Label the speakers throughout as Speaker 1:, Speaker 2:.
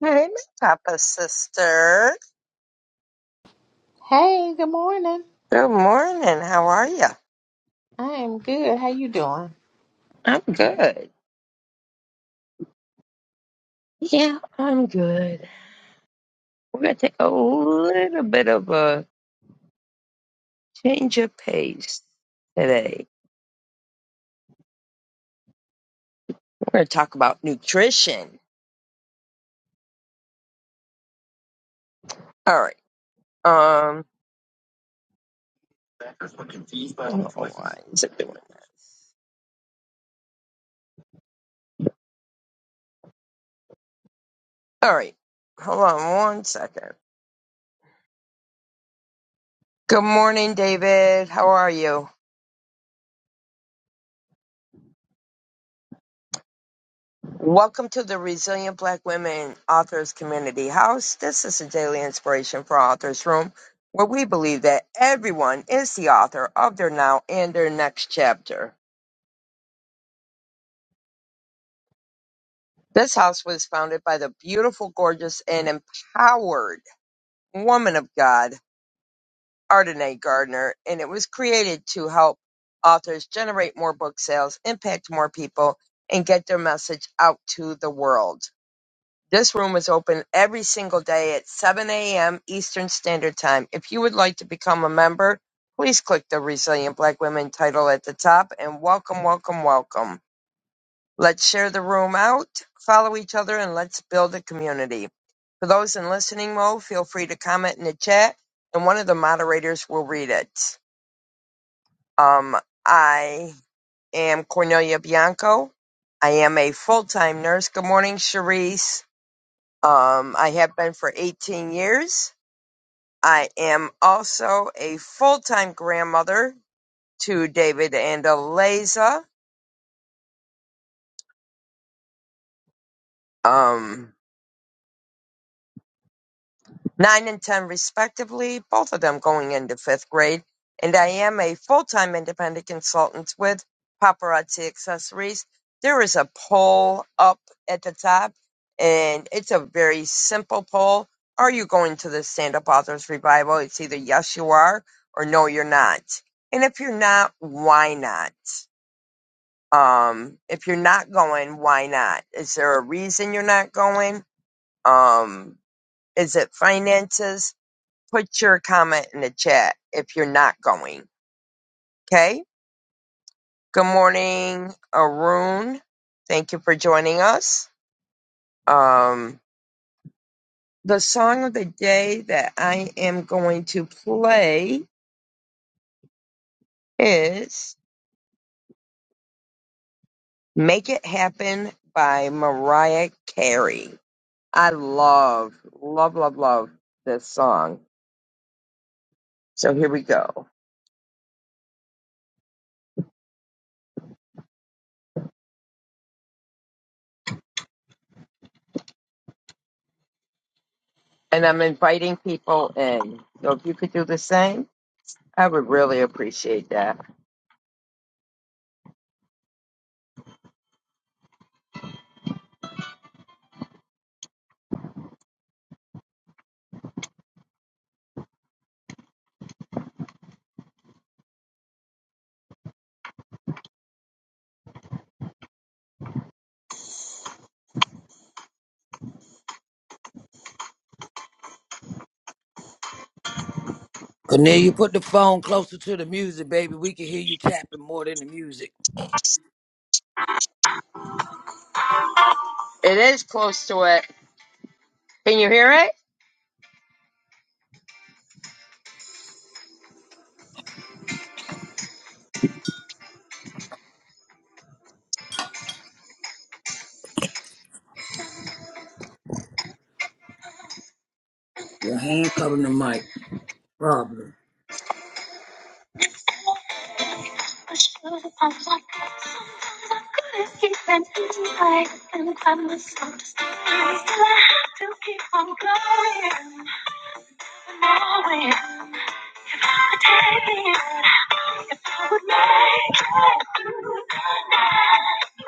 Speaker 1: Hey, Papa sister.
Speaker 2: Hey, good morning.
Speaker 1: Good morning. How are you?
Speaker 2: I am good. How you doing?
Speaker 1: I'm good. Yeah, I'm good. We're gonna take a little bit of a change of pace today. We're gonna talk about nutrition. All right. Um, is it doing? All right. Hold on one second. Good morning, David. How are you? Welcome to the Resilient Black Women Authors Community House. This is a daily inspiration for Authors Room, where we believe that everyone is the author of their now and their next chapter. This house was founded by the beautiful, gorgeous, and empowered woman of God, Ardenae Gardner, and it was created to help authors generate more book sales, impact more people, and get their message out to the world. This room is open every single day at 7 a.m. Eastern Standard Time. If you would like to become a member, please click the Resilient Black Women title at the top and welcome, welcome, welcome. Let's share the room out, follow each other, and let's build a community. For those in listening mode, feel free to comment in the chat and one of the moderators will read it. Um, I am Cornelia Bianco. I am a full time nurse. Good morning, Cherise. Um, I have been for 18 years. I am also a full-time grandmother to David and Eliza. Um, nine and 10 respectively, both of them going into fifth grade. And I am a full time independent consultant with Paparazzi Accessories. There is a poll up at the top, and it's a very simple poll. Are you going to the Stand Up Authors Revival? It's either yes, you are, or no, you're not. And if you're not, why not? Um, if you're not going, why not? Is there a reason you're not going? Um, is it finances? put your comment in the chat if you're not going. Okay. Good morning, Arun. Thank you for joining us. Um, the song of the day that I am going to play is Make It Happen by Mariah Carey. I love, love, love, love this song. So here we go. And I'm inviting people in. So if you could do the same, I would really appreciate that.
Speaker 3: Cornelia, put the phone closer to the music, baby. We can hear you tapping more than the music.
Speaker 1: It is close to it. Can you hear
Speaker 3: Your hand covering the mic. Problem.
Speaker 1: it? If I take it, if I would make it through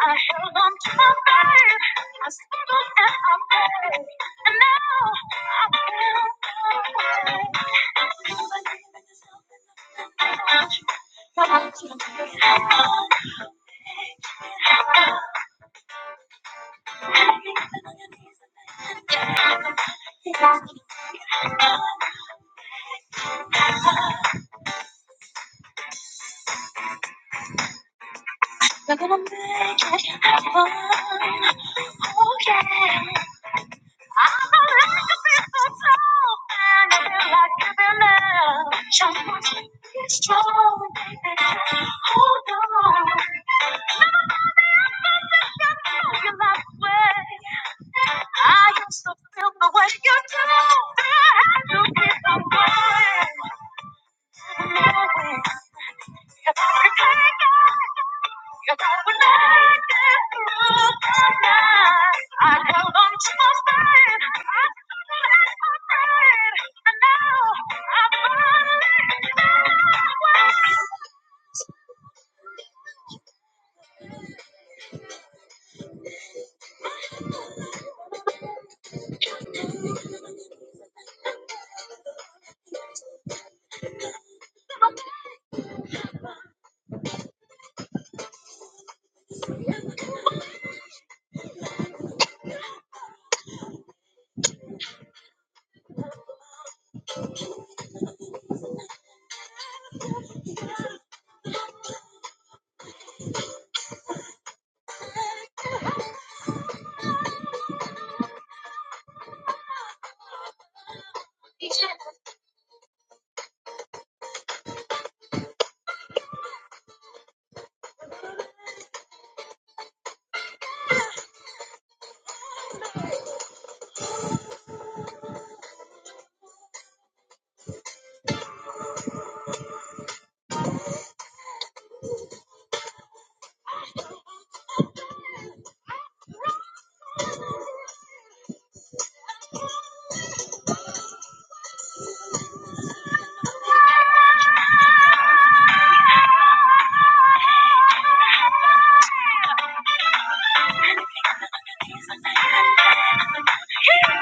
Speaker 1: I held on to my faith. I struggled and I prayed, and now I'm found my way. I feel like it happen. Make it happen. They're gonna make it happen. Oh yeah. I'm a real love. Just want to know it. Hold on. I me know you love me. I used to feel the way you do. I You give away. He's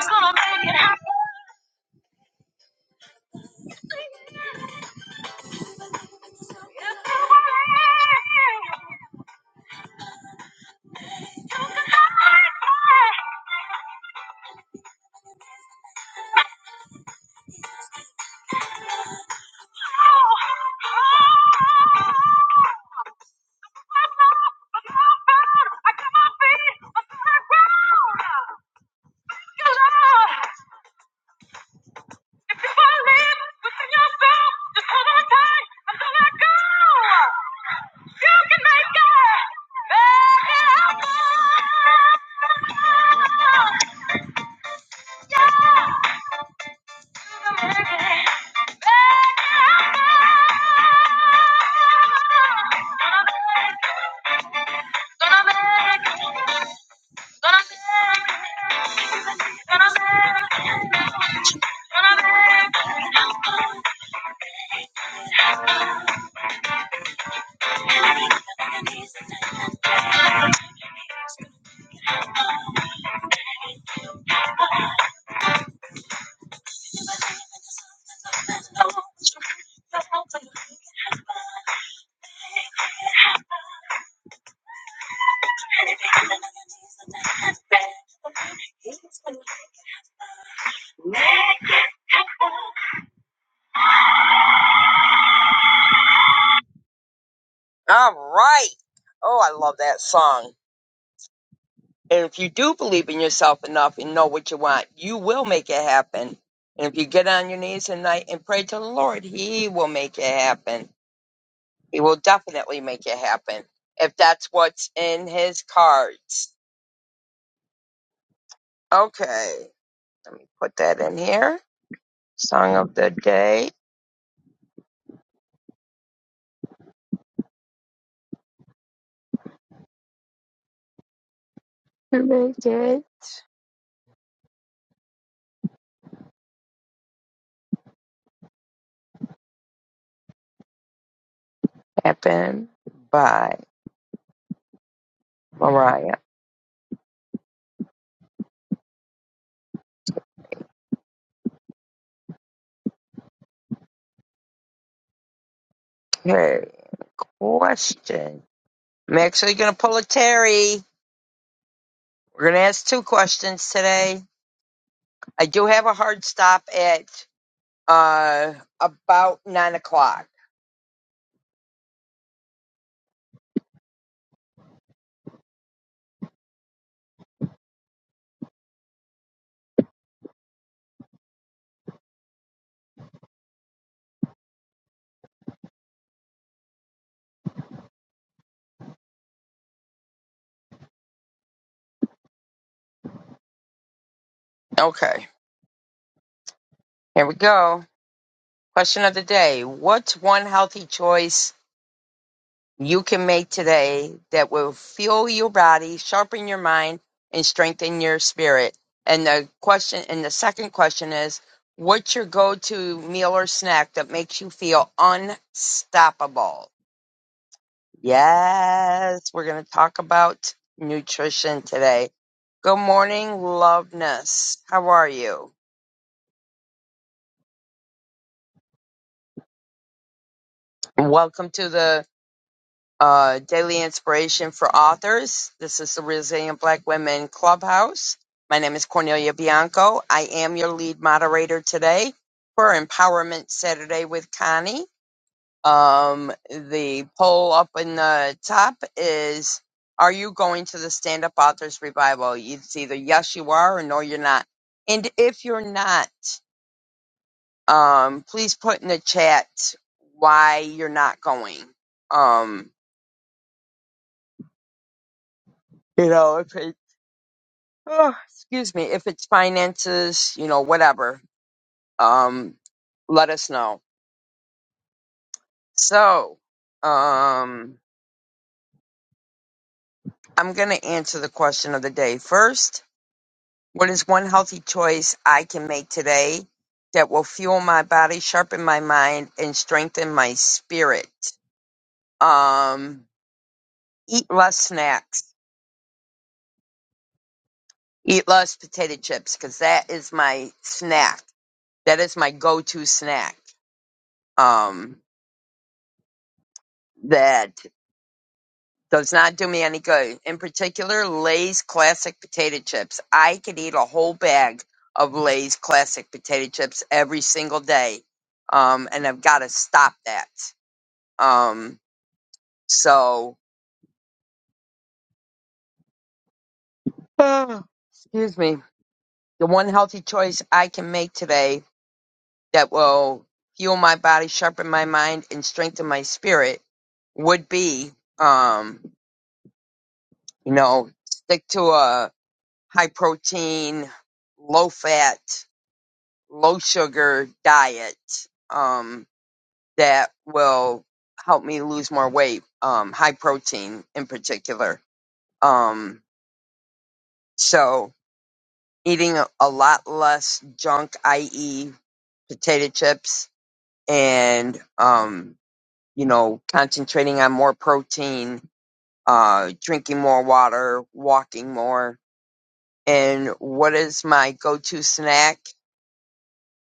Speaker 1: gonna make it happen. Yeah! Thank you. All right. Oh, I love that song. And if you do believe in yourself enough and know what you want, you will make it happen. And if you get on your knees at night and pray to the Lord, He will make it happen. He will definitely make it happen if that's what's in His cards. Okay. Let me put that in here. Song of the day. To Make it happen by Mariah Carey. Question. I'm actually going to pull a Terry. We're going to ask two questions today. I do have a hard stop at uh, about 9 o'clock. Okay, here we go. Question of the day What's one healthy choice you can make today that will fuel your body, sharpen your mind, and strengthen your spirit? And the question, and the second question is, what's your go-to meal or snack that makes you feel unstoppable? Yes, we're going to talk about nutrition today. Good morning, Loveness. How are you? Welcome to the uh, Daily Inspiration for Authors. This is the Resilient Black Women Clubhouse. My name is Cornelia Bianco. I am your lead moderator today for Empowerment Saturday with Connie. Um, the poll up in the top is, are you going to the Stand Up Authors Revival? It's either yes, you are, or no, you're not. And if you're not, um, please put in the chat why you're not going. Um, you know, if it, oh, excuse me, if it's finances, you know, whatever, um, let us know. So, um, I'm going to answer the question of the day first What is one healthy choice I can make today that will fuel my body, sharpen my mind, and strengthen my spirit? Um, eat less snacks. Eat less potato chips because that is my snack. That is my go-to snack. Um, that does not do me any good. In particular, Lay's classic potato chips. I could eat a whole bag of Lay's classic potato chips every single day um, and I've got to stop that. Um, so, uh, excuse me. The one healthy choice I can make today that will fuel my body, sharpen my mind, and strengthen my spirit would be, um, you know, stick to a high protein, low fat, low sugar diet um, that will help me lose more weight. Um, high protein in particular. Um, so eating a a lot less junk, i.e., potato chips, and um, you know, concentrating on more protein, uh, drinking more water, walking more. And what is my go-to snack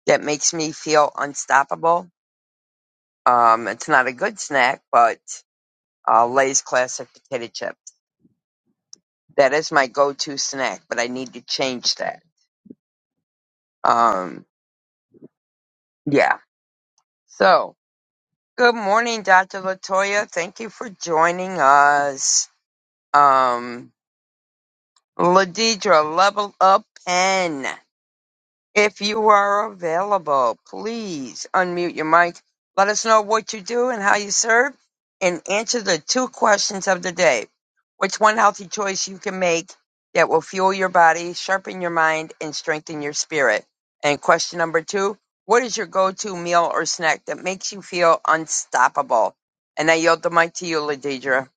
Speaker 1: that makes me feel unstoppable? Um, it's not a good snack, but uh, Lay's classic potato chips. That is my go-to snack, but I need to change that. Um, yeah. So Good morning, Dr. Latoya. Thank you for joining us. Um, Ladidra, level up pen. If you are available, please unmute your mic. Let us know what you do and how you serve, and answer the two questions of the day. What's one healthy choice you can make that will fuel your body, sharpen your mind, and strengthen your spirit? And question number two What is your go to meal or snack that makes you feel unstoppable? And I yield the mic to you, Ladidra.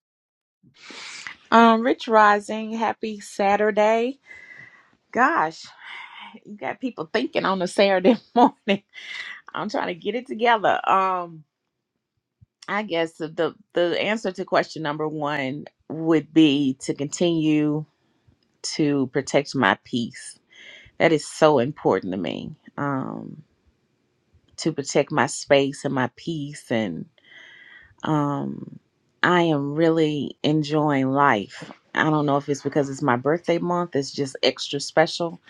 Speaker 2: Um, Rich Rising, happy Saturday. Gosh, you got people thinking on a Saturday morning. I'm trying to get it together. Um, I guess the the the answer to question number one would be to continue to protect my peace. That is so important to me. Um, to protect my space and my peace and Um, I am really enjoying life. I don't know if it's because it's my birthday month, it's just extra special,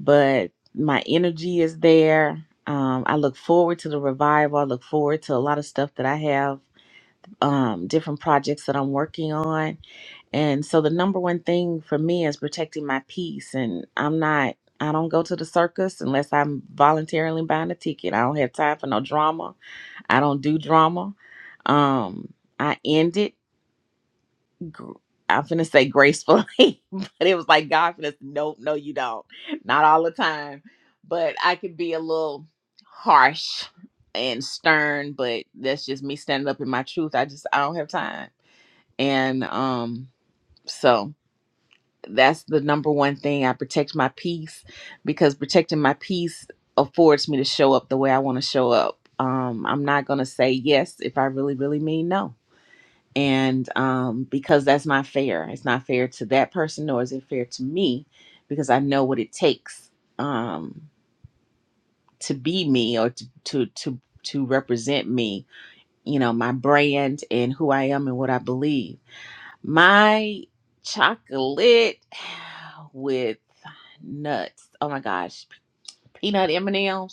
Speaker 2: but my energy is there. Um, I look forward to the revival. I look forward to a lot of stuff that I have, um, different projects that I'm working on. And so the number one thing for me is protecting my peace. And I'm not, I don't go to the circus unless I'm voluntarily buying a ticket. I don't have time for no drama I don't do drama. Um, I end it. gr- I'm finna say gracefully, but it was like God finna. Nope, no, you don't. Not all the time, but I could be a little harsh and stern. But that's just me standing up in my truth. I just I don't have time, and um, so that's the number one thing. I protect my peace because protecting my peace affords me to show up the way I want to show up. Um, I'm not gonna say yes if I really, really mean no and um, because that's not fair it's not fair to that person nor is it fair to me because i know what it takes um, to be me or to, to to to represent me you know my brand and who i am and what i believe my chocolate with nuts oh my gosh peanut m&ms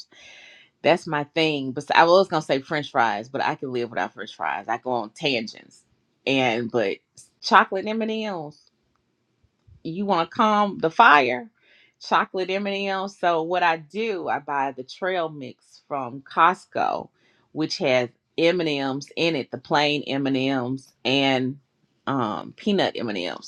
Speaker 2: that's my thing. But I was gonna say French fries, but I can live without French fries. I go on tangents, and but chocolate M and M's. You want to calm the fire? Chocolate M and M's. So what I do, I buy the trail mix from Costco, which has M and M's in it, the plain M and M's and um, peanut M and M's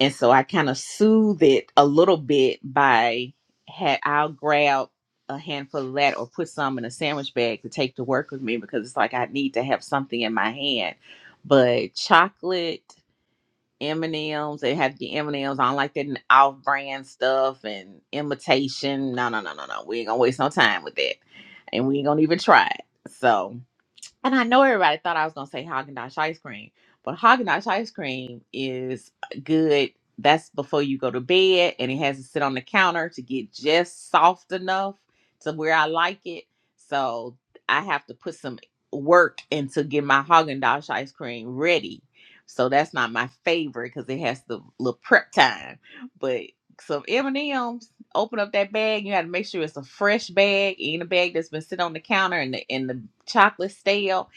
Speaker 2: and so I kind of soothe it a little bit by had I'll grab a handful of that or put some in a sandwich bag to take to work with me because it's like I need to have something in my hand. But chocolate, M and M's, they have the M and M's. I don't like that off-brand stuff and imitation. No, no, no, no, no. We ain't gonna waste no time with that, and we ain't gonna even try it. So and I know everybody thought I was gonna say Haagen Dazs ice cream, but Haagen Dazs ice cream is good. That's before you go to bed, and it has to sit on the counter to get just soft enough to where I like it. So I have to put some work into get my Haagen Dazs ice cream ready. So that's not my favorite because it has the little prep time. But some M and M's, open up that bag, you got to make sure it's a fresh bag, in a bag that's been sitting on the counter and the and the chocolate stale.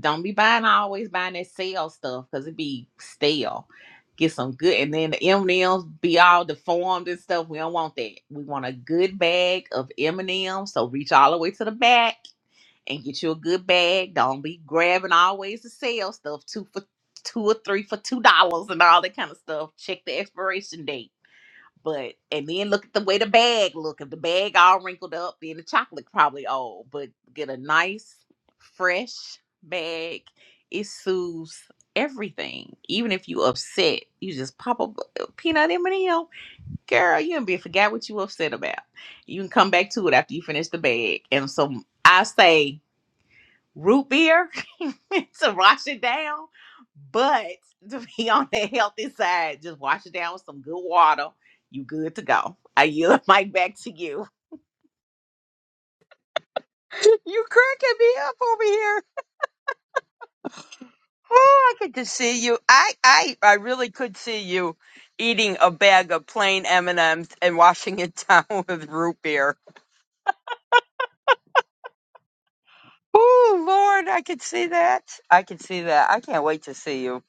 Speaker 2: Don't be buying always buying that stale stuff because it be stale. Get some good, and then the M and Ms be all deformed and stuff. We don't want that. We want a good bag of M and Ms. So reach all the way to the back and get you a good bag. Don't be grabbing always the sale stuff two for two or three for two dollars and all that kind of stuff. Check the expiration date but and then look at the way the bag look. If the bag all wrinkled up, then the chocolate probably old. But get a nice, fresh bag. It soothes everything. Even if you upset, you just pop up a peanut M and M. Girl, you and be forgot what you upset about. You can come back to it after you finish the bag. And so I say root beer to wash it down. But to be on the healthy side, just wash it down with some good water. You good to go. I yield the mic back to you.
Speaker 1: You cracking me up over here. Oh, I could just see you. I, I, I really could see you eating a bag of plain M and M's and washing it down with root beer. Oh Lord, I could see that. I could see that. I can't wait to see you.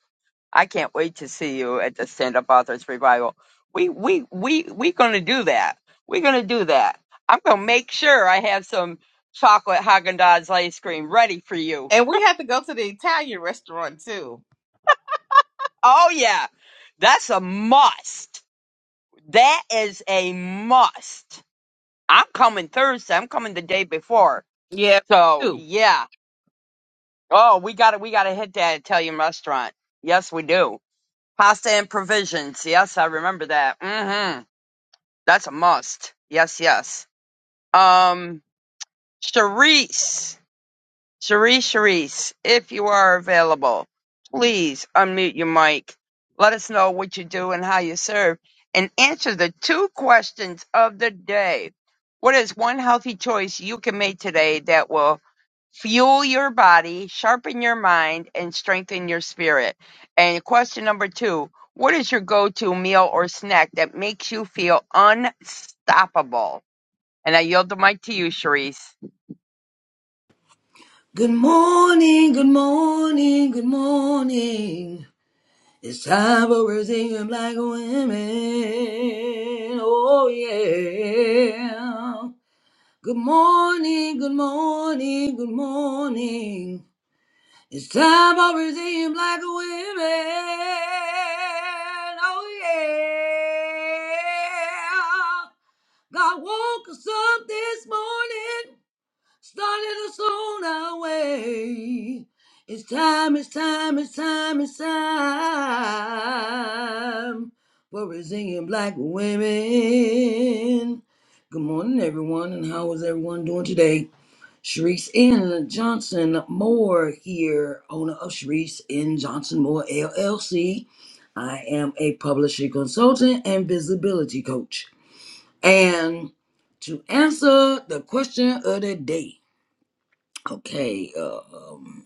Speaker 1: I can't wait to see you at the Stand Up Authors Revival. We, we, we, we gonna do that. We're gonna do that. I'm gonna make sure I have some chocolate Haagen Dazs ice cream ready for you.
Speaker 2: And we had to go to the Italian restaurant too.
Speaker 1: Oh yeah, that's a must. That is a must. I'm coming Thursday. I'm coming the day before.
Speaker 2: Yeah,
Speaker 1: So
Speaker 2: too.
Speaker 1: yeah. Oh, we got to we got to hit that Italian restaurant. Yes, we do. Pasta and provisions. Yes, I remember that. Mm-hmm. That's a must. Yes, yes. Um, Charisse. Sharice, Sharice, if you are available, please unmute your mic. Let us know what you do and how you serve, and answer the two questions of the day. What is one healthy choice you can make today that will fuel your body, sharpen your mind, and strengthen your spirit? And question number two What is your go to meal or snack that makes you feel unstoppable? And I yield the mic to you, Sharice.
Speaker 3: Good morning, good morning, good morning. It's time for Brazilian black women. Oh, yeah. Good morning, good morning, good morning. It's time for redeemed black women. Oh yeah. God woke us up this morning, started us on our way. It's time, it's time, it's time, it's time for Brazilian black women. Good morning, everyone, and how is everyone doing today? Sharice N. Johnson Moore here, owner of Sharice N. Johnson Moore LLC. I am a publishing consultant and visibility coach. And to answer the question of the day, okay, um,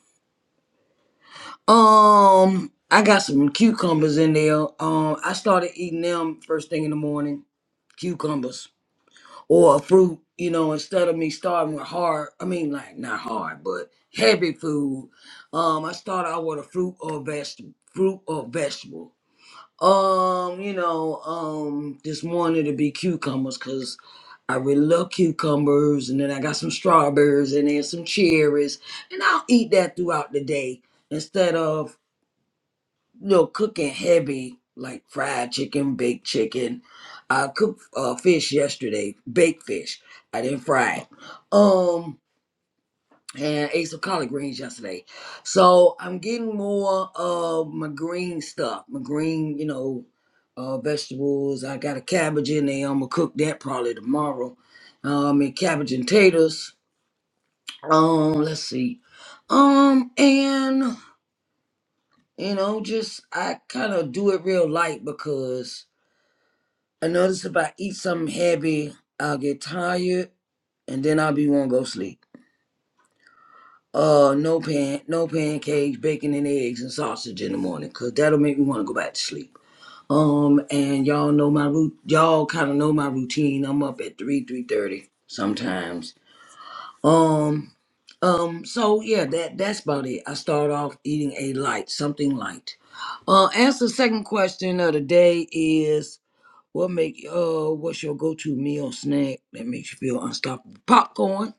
Speaker 3: um, I got some cucumbers in there. Um, I started eating them first thing in the morning. Cucumbers. or fruit, you know, instead of me starting with hard, I mean, like not hard, but heavy food. Um, I start out with a fruit or vegetable, fruit or vegetable. Um, you know, um, this morning to be cucumbers because I really love cucumbers, and then I got some strawberries and then some cherries, and I'll eat that throughout the day instead of you know, cooking heavy, like fried chicken, baked chicken. I cooked uh, fish yesterday, baked fish. I didn't fry it. Um, and ate some collard greens yesterday. So I'm getting more of my green stuff, my green, you know, uh, vegetables. I got a cabbage in there. I'm gonna cook that probably tomorrow. Um, and cabbage and taters. Um, let's see. Um, and you know, just I kind of do it real light because I notice if I eat something heavy, I'll get tired and then I'll be want to go sleep. Uh, no pan, no pancakes, bacon and eggs and sausage in the morning, cause that'll make me want to go back to sleep. Um, and y'all know my root. Y'all kind of know my routine. I'm up at three, three thirty sometimes. Um, um. So yeah, that that's about it. I start off eating a light, something light. Uh, answer the second question of the day is What make uh what's your go-to meal snack that makes you feel unstoppable? Popcorn.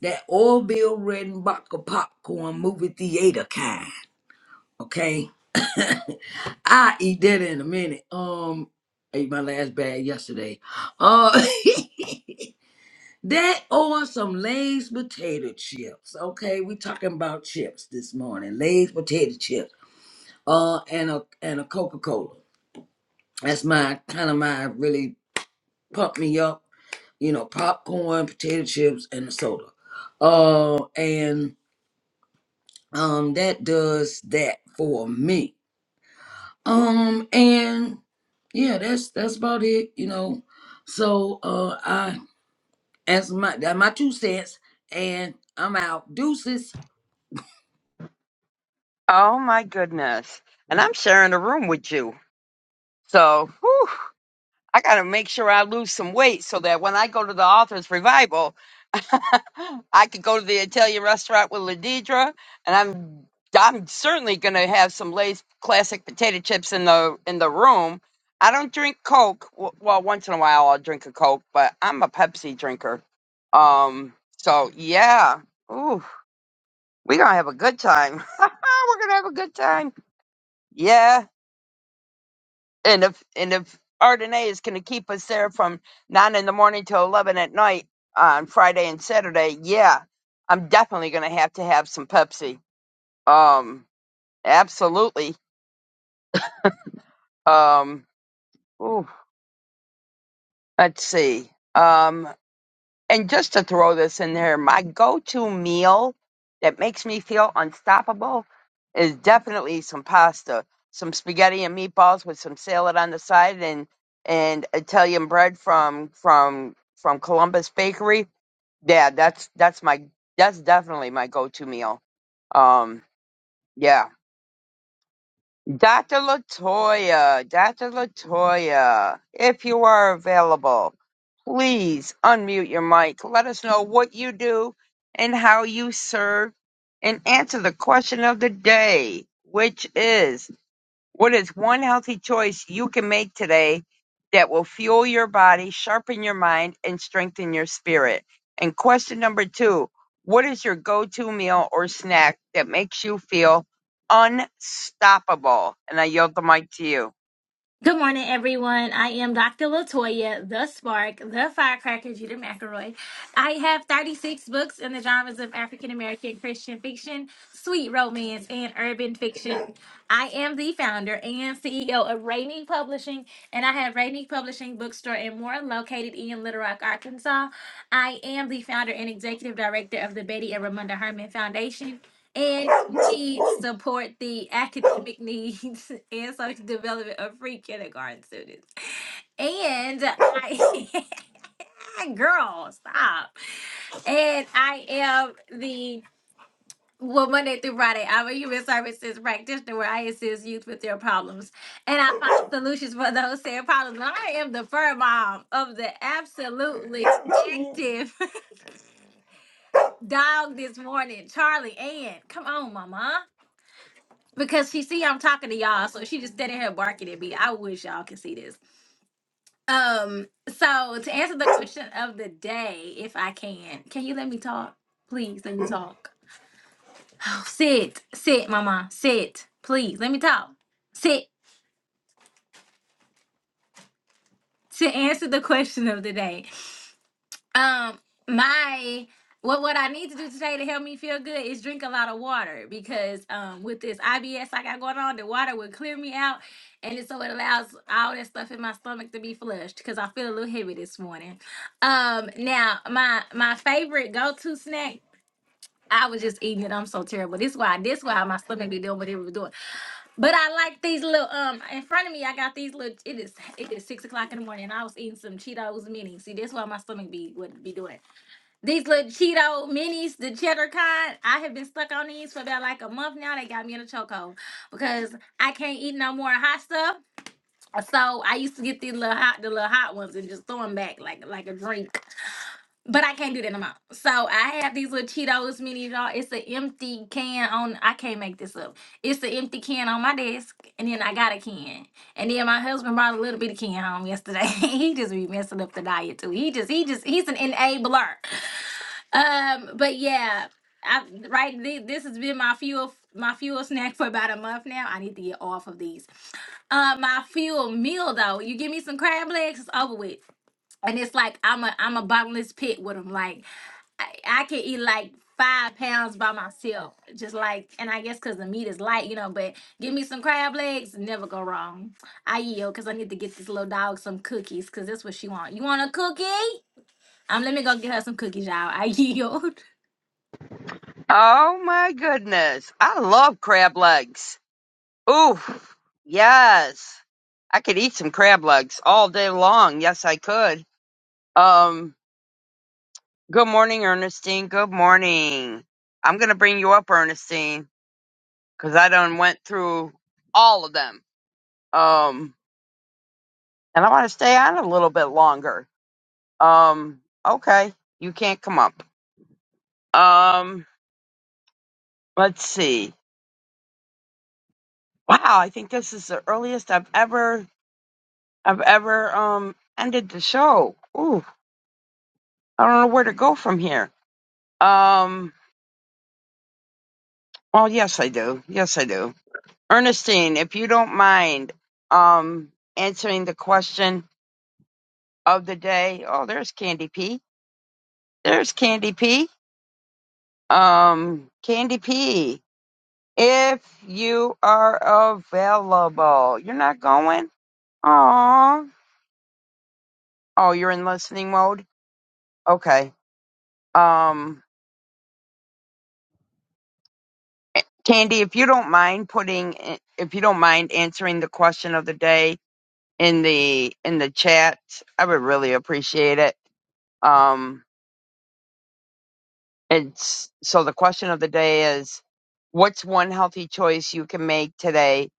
Speaker 3: That Orville Redenbacher popcorn movie theater kind. Okay. I eat that in a minute. Um ate my last bag yesterday. Uh that or some Lay's potato chips. Okay, we talking about chips this morning. Lay's potato chips. Uh and a and a Coca-Cola. That's my kind of my really pumped me up you know, popcorn, potato chips, and a soda. Uh, and um, that does that for me. Um, and yeah, that's that's about it. You know, so uh, I as my that my two cents, and I'm out. Deuces.
Speaker 1: Oh my goodness. And I'm sharing a room with you. So whew, I got to make sure I lose some weight so that when I go to the author's revival, I could go to the Italian restaurant with Ladidra. And I'm I'm certainly going to have some Lay's classic potato chips in the in the room. I don't drink Coke. W- Well, once in a while I'll drink a Coke, but I'm a Pepsi drinker. Um, so yeah. Ooh, we're going to have a good time. we're going to have a good time. Yeah. and if and if Ardenae is going to keep us there from nine in the morning till eleven at night on Friday and Saturday, yeah, I'm definitely going to have to have some Pepsi. Um, absolutely. Um, ooh, let's see. Um, And just to throw this in there, my go-to meal that makes me feel unstoppable is definitely some pasta, some spaghetti and meatballs with some salad on the side, and and Italian bread from from from Columbus Bakery. Yeah, that's that's my that's definitely my go-to meal. Um, yeah. Dr. Latoya, Dr. Latoya, if you are available, please unmute your mic. Let us know what you do and how you serve and answer the question of the day, which is what is one healthy choice you can make today that will fuel your body, sharpen your mind, and strengthen your spirit? And question number two What is your go to meal or snack that makes you feel unstoppable? And I yield the mic to you.
Speaker 4: Good morning, everyone. I am Dr. Latoya, the spark, the firecracker, Judah McElroy. I have 36 books in the genres of African American Christian fiction, sweet romance, and urban fiction. I am the founder and CEO of Rainy Publishing, and I have Rainy Publishing Bookstore and more located in Little Rock, Arkansas. I am the founder and executive director of the Betty and Ramunda Herman Foundation and she support the academic needs and social development of free kindergarten students. And I, girl, stop. And I am the well Monday through Friday, I'm a human services practitioner where I assist youth with their problems and I find solutions for those same problems. And I am the fur mom of the absolutely active dog this morning, Charlie. And come on, Mama. because she see I'm talking to y'all, so she just standing here barking at me. I wish y'all could see this. Um, so to answer the question of the day, if I can, can you let me talk? Please let me talk. Oh, sit, sit, mama, sit. Please let me talk. Sit to answer the question of the day. Um, my what what I need to do today to help me feel good is drink a lot of water because um with this IBS I got going on, the water will clear me out, and it, so it allows all that stuff in my stomach to be flushed because I feel a little heavy this morning. Um, now my my favorite go to snack. I was just eating it. I'm so terrible. This why this why my stomach be doing what it was doing. But I like these little um in front of me. I got these little. It is it is six o'clock in the morning. And I was eating some Cheetos mini. See, that's why my stomach be would be doing. These little Cheeto minis, the cheddar kind, I have been stuck on these for about like a month now. They got me in a chokehold because I can't eat no more hot stuff. So I used to get these little hot, the little hot ones, and just throw them back like like a drink. But I can't do that no more. So I have these little Cheetos minis, y'all. It's an empty can on. I can't make this up. It's an empty can on my desk, and then I got a can, and then my husband brought a little bit of can home yesterday. he just be messing up the diet too. He just he just he's an enabler. Um, but yeah, I right. thi- This has been my fuel, my fuel snack for about a month now. I need to get off of these. Uh, my fuel meal though, you give me some crab legs, it's over with, and it's like I'm a I'm a bottomless pit with them. Like I, I can eat like five pounds by myself, just like, and I guess because the meat is light, you know. But give me some crab legs, never go wrong. I yield because I need to get this little dog some cookies because that's what she want. You want a cookie? Um, let me go get her some cookies, y'all. I yield.
Speaker 1: Oh my goodness. I love crab legs. Ooh, yes. I could eat some crab legs all day long. Yes, I could. Um, Good morning, Ernestine. Good morning. I'm gonna bring you up, Ernestine, because I done went through all of them. Um, and I want to stay on a little bit longer. Um, okay, you can't come up. Um, let's see. Wow, I think this is the earliest I've ever I've ever um ended the show. Ooh, I don't know where to go from here. Um, well, yes, I do. Yes, I do. Ernestine, if you don't mind, um, answering the question of the day. Oh, there's Candy P. There's Candy P. Um, Candy P. If you are available, you're not going. Aw. Oh, you're in listening mode. Okay. Um, eh, Candy, if you don't mind putting, eh, if you don't mind answering the question of the day in the in the chat, I would really appreciate it. Um, it's so the question of the day is, what's one healthy choice you can make today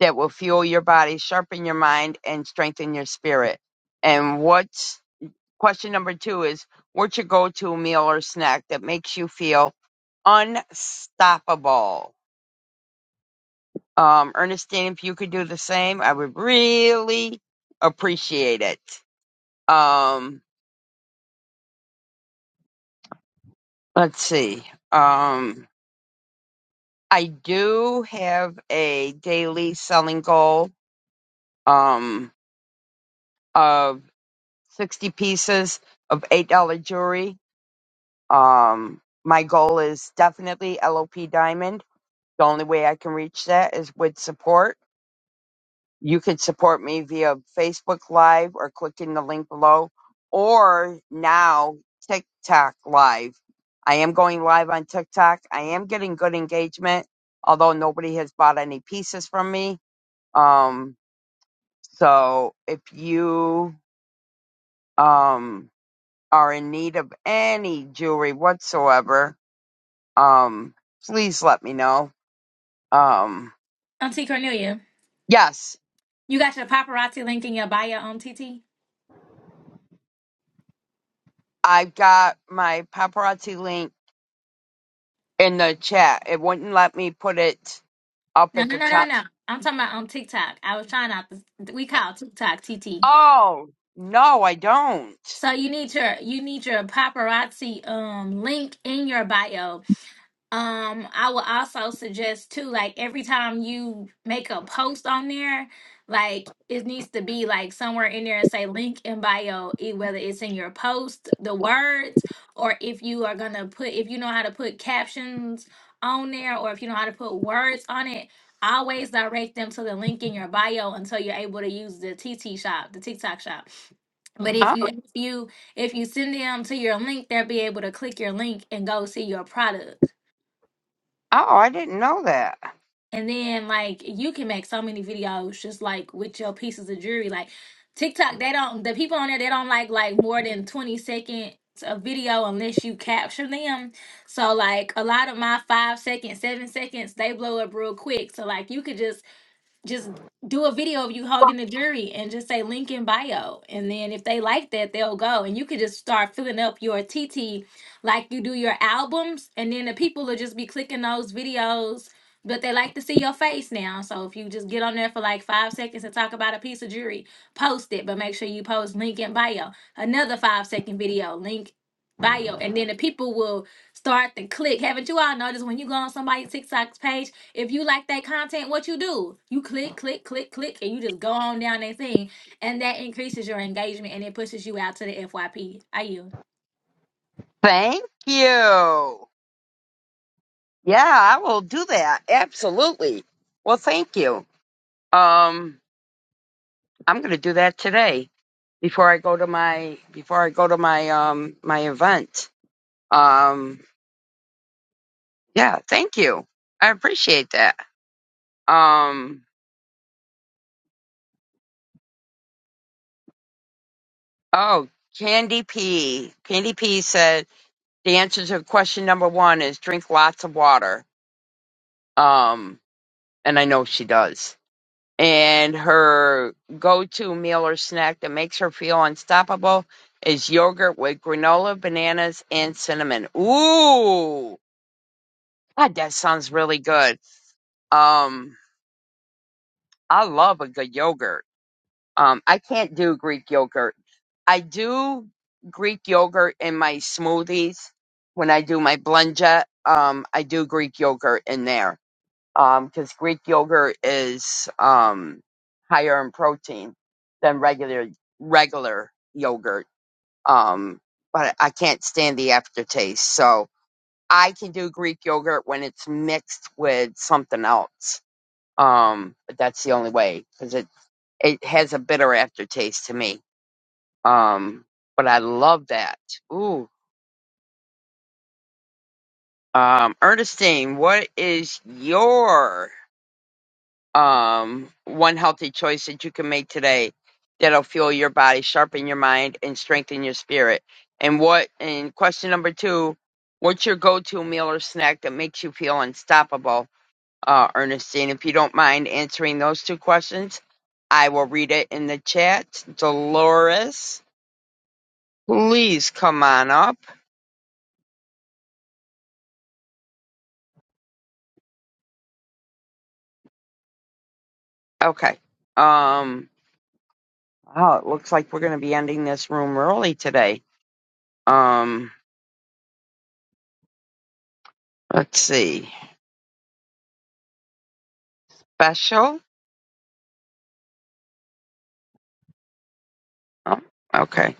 Speaker 1: that will fuel your body, sharpen your mind, and strengthen your spirit. And what's question number two is what's your go to meal or snack that makes you feel unstoppable? Um, Ernestine, if you could do the same, I would really appreciate it. Um, let's see. Um, I do have a daily selling goal um, of 60 pieces of $8 jewelry Um, my goal is definitely LOP Diamond. The only way I can reach that is with support. You could support me via Facebook Live or clicking the link below, or now TikTok Live. I am going live on TikTok. I am getting good engagement, although nobody has bought any pieces from me. Um, so if you um, are in need of any jewelry whatsoever, um please let me know um
Speaker 4: Auntie Cornelia,
Speaker 1: yes
Speaker 4: you got your paparazzi link in your bio on TT?
Speaker 1: i've got my paparazzi link in the chat it wouldn't let me put it up
Speaker 4: No,
Speaker 1: at
Speaker 4: no,
Speaker 1: the
Speaker 4: no, no,
Speaker 1: top
Speaker 4: no. I'm talking about on TikTok. I was trying out this. We call TikTok TT.
Speaker 1: oh no i don't
Speaker 4: So you need your you need your paparazzi um link in your bio Um, I would also suggest too, like every time you make a post on there, like it needs to be like somewhere in there and say link in bio, e- whether it's in your post, the words, or if you are gonna put if you know how to put captions on there, or if you know how to put words on it, always direct them to the link in your bio until you're able to use the TT shop, the TikTok shop. But if
Speaker 1: oh,
Speaker 4: you if you if you send them to your link, they'll be able to click your link and go see your product.
Speaker 1: oh i didn't know that
Speaker 4: And then like you can make so many videos just like with your pieces of jewelry. Like TikTok, they don't the people on there they don't like like more than twenty seconds of video unless you capture them. So like a lot of my five seconds, seven seconds, they blow up real quick. So like you could just just do a video of you holding a jury and just say link in bio and then if they like that they'll go and you could just start filling up your tt like you do your albums and then the people will just be clicking those videos but they like to see your face now so if you just get on there for like five seconds and talk about a piece of jewelry post it but make sure you post link in bio another five second video link bio and then the people will start to click haven't you all noticed when you go on somebody's tiktok page if you like that content, what you do? You click, click, click, click, and you just go on down that thing, and that increases your engagement and it pushes you out to the FYP. Are
Speaker 1: thank you yeah i will do that absolutely well thank you um i'm gonna do that today before i go to my before i go to my um my event Um. Yeah, thank you. I appreciate that. Um, oh, Candy P. Candy P said the answer to question number one is drink lots of water. Um, and I know she does. And her go-to meal or snack that makes her feel unstoppable is yogurt with granola, bananas, and cinnamon. Ooh, God, that sounds really good. Um, I love a good yogurt Um, I can't do Greek yogurt. I do Greek yogurt in my smoothies when I do my blender. Um, I do Greek yogurt in there because Greek yogurt is um, higher in protein than regular regular yogurt. Um, but I can't stand the aftertaste, so I can do Greek yogurt when it's mixed with something else. Um, but that's the only way because it it has a bitter aftertaste to me um, but I love that. Ooh. Um, Ernestine, what is your um one healthy choice that you can make today that'll fuel your body, sharpen your mind, and strengthen your spirit? And what and question number two, what's your go to meal or snack that makes you feel unstoppable? Uh, Ernestine, if you don't mind answering those two questions, I will read it in the chat. Dolores, please come on up. Okay. Um Wow, it looks like we're going to be ending this room early today. Um, let's see. Special? Oh, okay.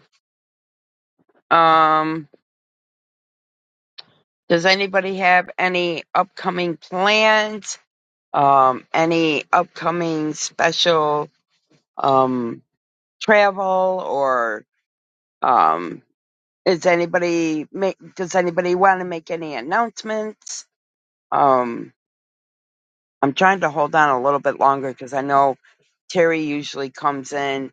Speaker 1: Um, does anybody have any upcoming plans? Um, any upcoming special um travel or um is anybody make does anybody want to make any announcements? Um, I'm trying to hold on a little bit longer because I know Terry usually comes in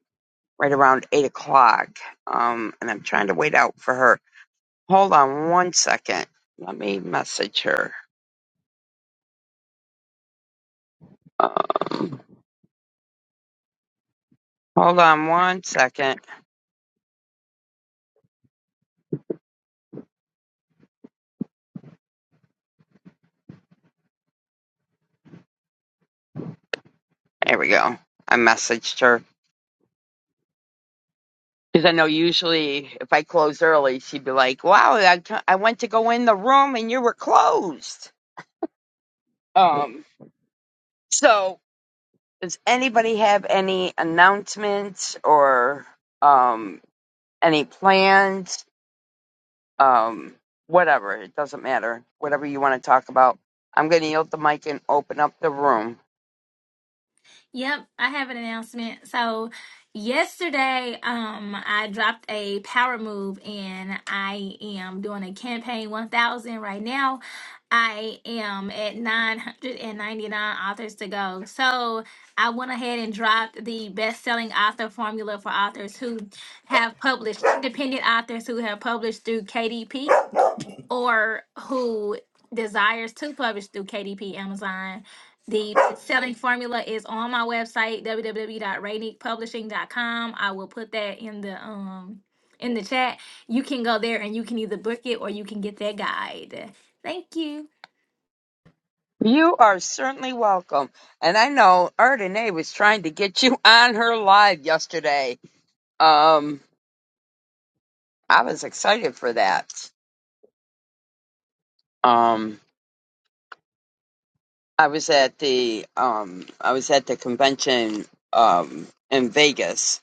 Speaker 1: right around eight o'clock. Um, and I'm trying to wait out for her. Hold on one second. Let me message her. Um, hold on one second. There we go. I messaged her because I know usually if I close early, she'd be like, "Wow, I I went to go in the room and you were closed." Um, so does anybody have any announcements or um any plans um, whatever. It doesn't matter. Whatever you want to talk about. I'm going to yield the mic and open up the room.
Speaker 4: Yep, I have an announcement. So yesterday, um, I dropped a power move, and I am doing a campaign one thousand right now. I am at nine hundred and ninety nine authors to go. So I went ahead and dropped the best selling author formula for authors who have published, independent authors who have published through KDP or who desires to publish through KDP Amazon. The selling formula is on my website w w w dot rainique publishing dot com. I will put that in the um in the chat. You can go there and you can either book it or you can get that guide. Thank you.
Speaker 1: You are certainly welcome. And I know Ardenae was trying to get you on her live yesterday. Um, I was excited for that. Um, I was at the um, I was at the convention um, in Vegas,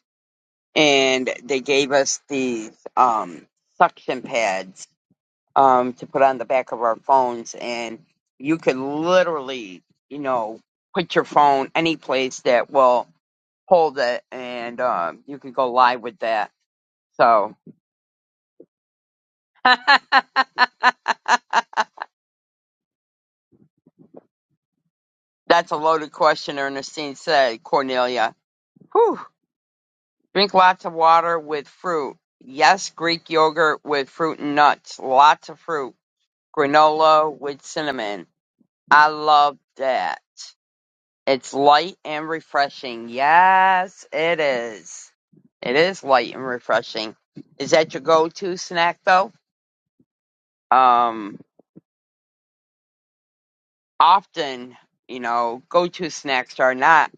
Speaker 1: and they gave us these um, suction pads um, to put on the back of our phones, and you could literally, you know, put your phone any place that will hold it, and um, you could go live with that. So that's a loaded question, Ernestine said. Cornelia, Whew. drink lots of water with fruit. Yes, Greek yogurt with fruit and nuts. Lots of fruit. Granola with cinnamon. I love that. It's light and refreshing. Yes, it is. It is light and refreshing. Is that your go-to snack though? Um, often, you know, go-to snacks are not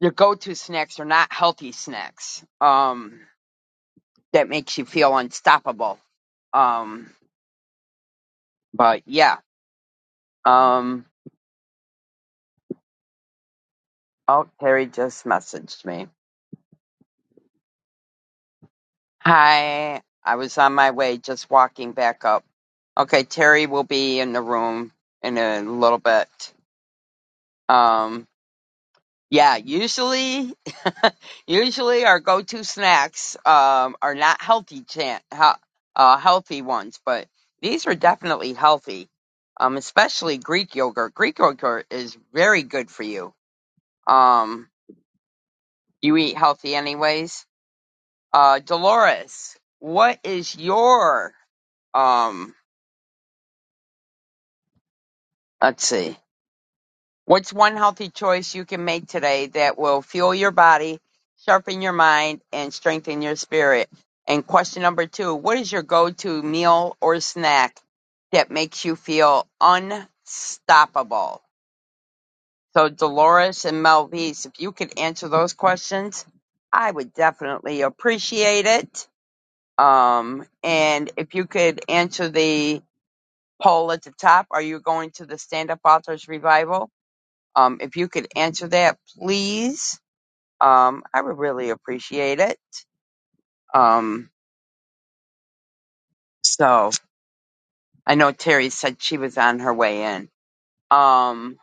Speaker 1: your go-to snacks are not healthy snacks. Um, that makes you feel unstoppable. Um, but yeah. Um, oh, Terry just messaged me. Hi, I was on my way just walking back up. Okay, Terry will be in the room in a little bit. Um yeah, usually usually our go-to snacks um are not healthy chan- he- uh healthy ones, but these are definitely healthy. Um especially Greek yogurt. Greek yogurt is very good for you. Um you eat healthy anyways. Uh Dolores, what is your um Let's see. What's one healthy choice you can make today that will fuel your body, sharpen your mind, and strengthen your spirit? And question number two What is your go to meal or snack that makes you feel unstoppable? So, Dolores and Melvise, if you could answer those questions, I would definitely appreciate it. Um, and if you could answer the poll at the top, are you going to the Stand Up Authors Revival? Um, if you could answer that, please, um, I would really appreciate it. Um, so I know Terry said she was on her way in. Um,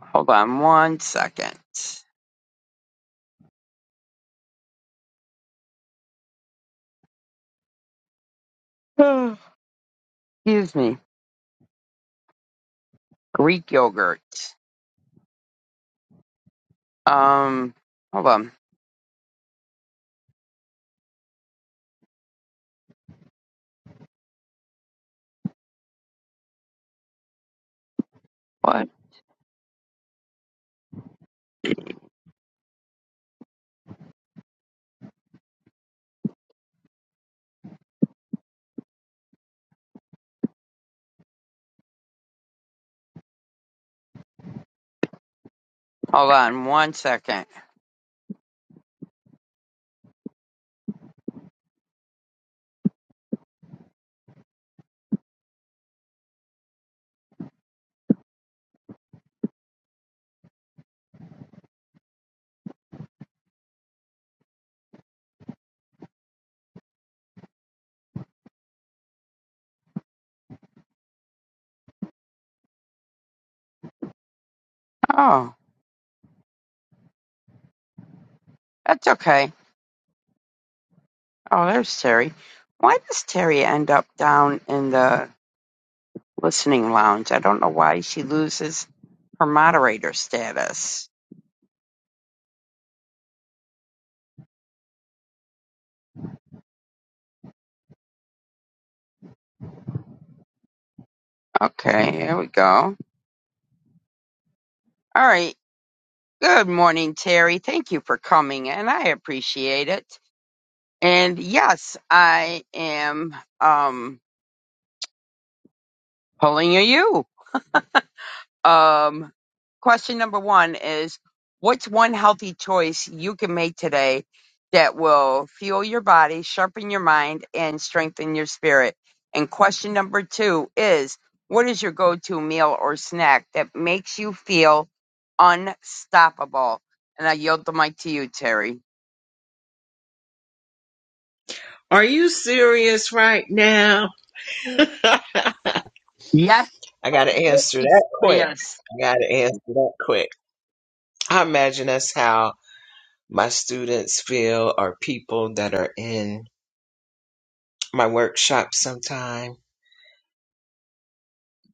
Speaker 1: hold on one second. Excuse me. Greek yogurt. Um, hold on. What? Hold on one second. Oh, that's okay. Oh, there's Terry. Why does Terry end up down in the listening lounge? I don't know why she loses her moderator status. Okay, here we go. All right. Good morning, Terry. Thank you for coming and I appreciate it. And yes, I am um pulling a U. Um, question number one is what's one healthy choice you can make today that will fuel your body, sharpen your mind, and strengthen your spirit? And question number two is what is your go to meal or snack that makes you feel unstoppable? And I yield the mic to you, Terry.
Speaker 5: Are you serious right now? I
Speaker 1: Yes,
Speaker 5: got to answer that
Speaker 1: yes,
Speaker 5: quick.
Speaker 1: yes.
Speaker 5: I got to answer that quick. I imagine that's how my students feel or people that are in my workshop sometime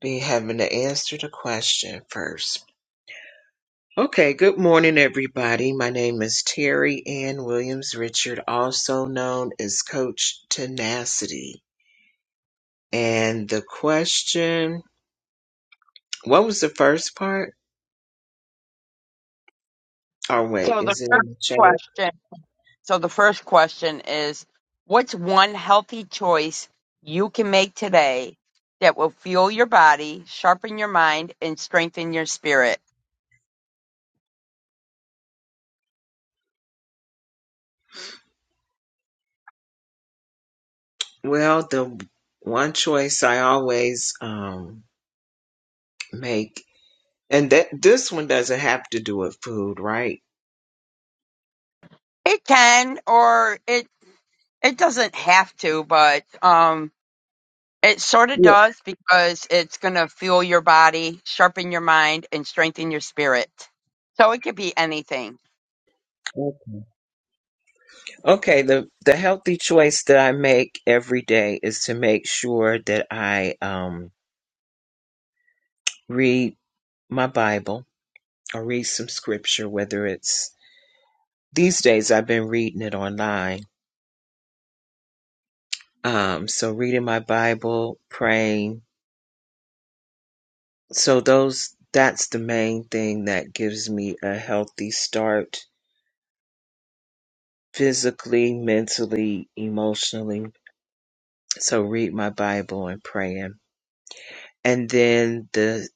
Speaker 5: be having to answer the question first. Okay, good morning, everybody. My name is Terry Ann Williams Richard, also known as Coach Tenacity. And the question, what was the first part? Oh, wait,
Speaker 1: So the
Speaker 5: is it in
Speaker 1: first
Speaker 5: the chat?
Speaker 1: question. So the first question is, what's one healthy choice you can make today that will fuel your body, sharpen your mind, and strengthen your spirit?
Speaker 5: Well, the one choice I always um, make, and that this one doesn't have to do with food, right?
Speaker 1: It can, or it it doesn't have to, but um, it sort of
Speaker 5: Yeah.
Speaker 1: does because it's going to fuel your body, sharpen your mind, and strengthen your spirit. So it could be anything.
Speaker 5: Okay. Okay, The the healthy choice that I make every day is to make sure that I um, read my Bible or read some scripture. Whether it's these days, I've been reading it online. Um, so reading my Bible, praying. So those that's the main thing that gives me a healthy start physically, mentally, emotionally. So read my Bible and praying. And then the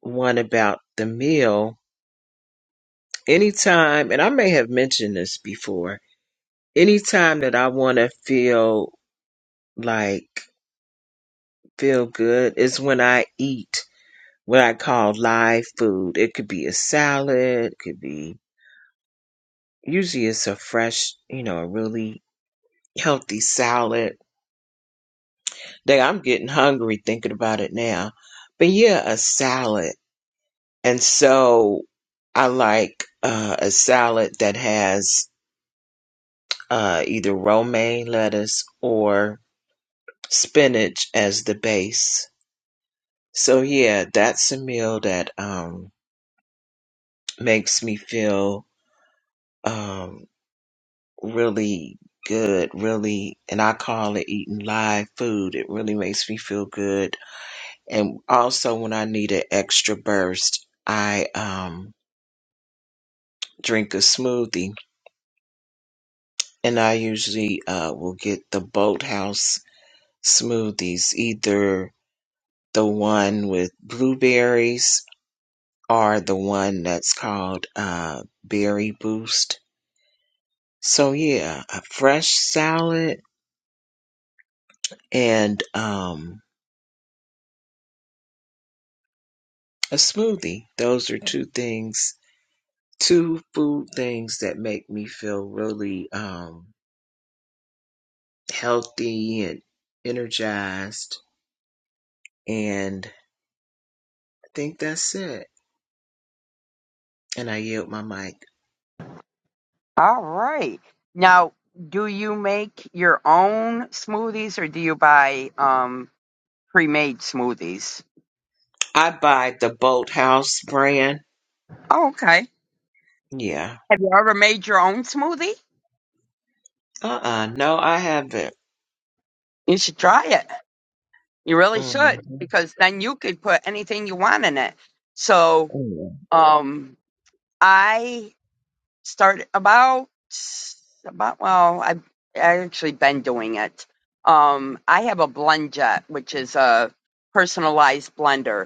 Speaker 5: one about the meal, anytime, and I may have mentioned this before, anytime that I want to feel like, feel good is when I eat what I call live food. It could be a salad, it could be, usually it's a fresh, you know, a really healthy salad Dang, I'm getting hungry thinking about it now. But yeah, a salad. And so I like uh, a salad that has uh, either romaine lettuce or spinach as the base. So yeah, that's a meal that um, makes me feel um, really good, really, and I call it eating live food. It really makes me feel good. And also when I need an extra burst, I um drink a smoothie, and I usually uh, will get the Boathouse smoothies, either the one with blueberries or the one that's called uh, Berry Boost. So yeah, a fresh salad and um, a smoothie. Those are two things, two food things that make me feel really um, healthy and energized. And I think that's it. And I yield my mic.
Speaker 1: All right. Now, do you make your own smoothies or do you buy um, pre-made smoothies?
Speaker 5: I buy the Boathouse brand.
Speaker 1: Oh, okay.
Speaker 5: Yeah.
Speaker 1: Have you ever made your own smoothie?
Speaker 5: Uh uh No, I haven't.
Speaker 1: You should try it. You really should
Speaker 5: hmm
Speaker 1: because then you could put anything you want in it. So, um, I started about about well, I I actually been doing it. Um, I have a blend jet, which is a personalized blender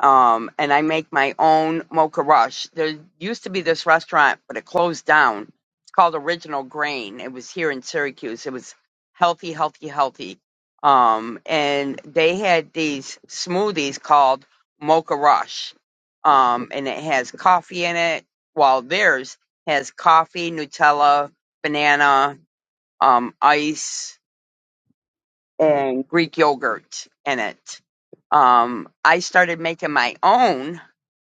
Speaker 1: um, and I make my own mocha rush. There used to be this restaurant, but it closed down. It's called Original Grain. It was here in Syracuse. It was healthy, healthy, healthy. Um, and they had these smoothies called Mocha Rush. Um, and it has coffee in it, while theirs has coffee, Nutella, banana, um, ice, and Greek yogurt in it. Um, I started making my own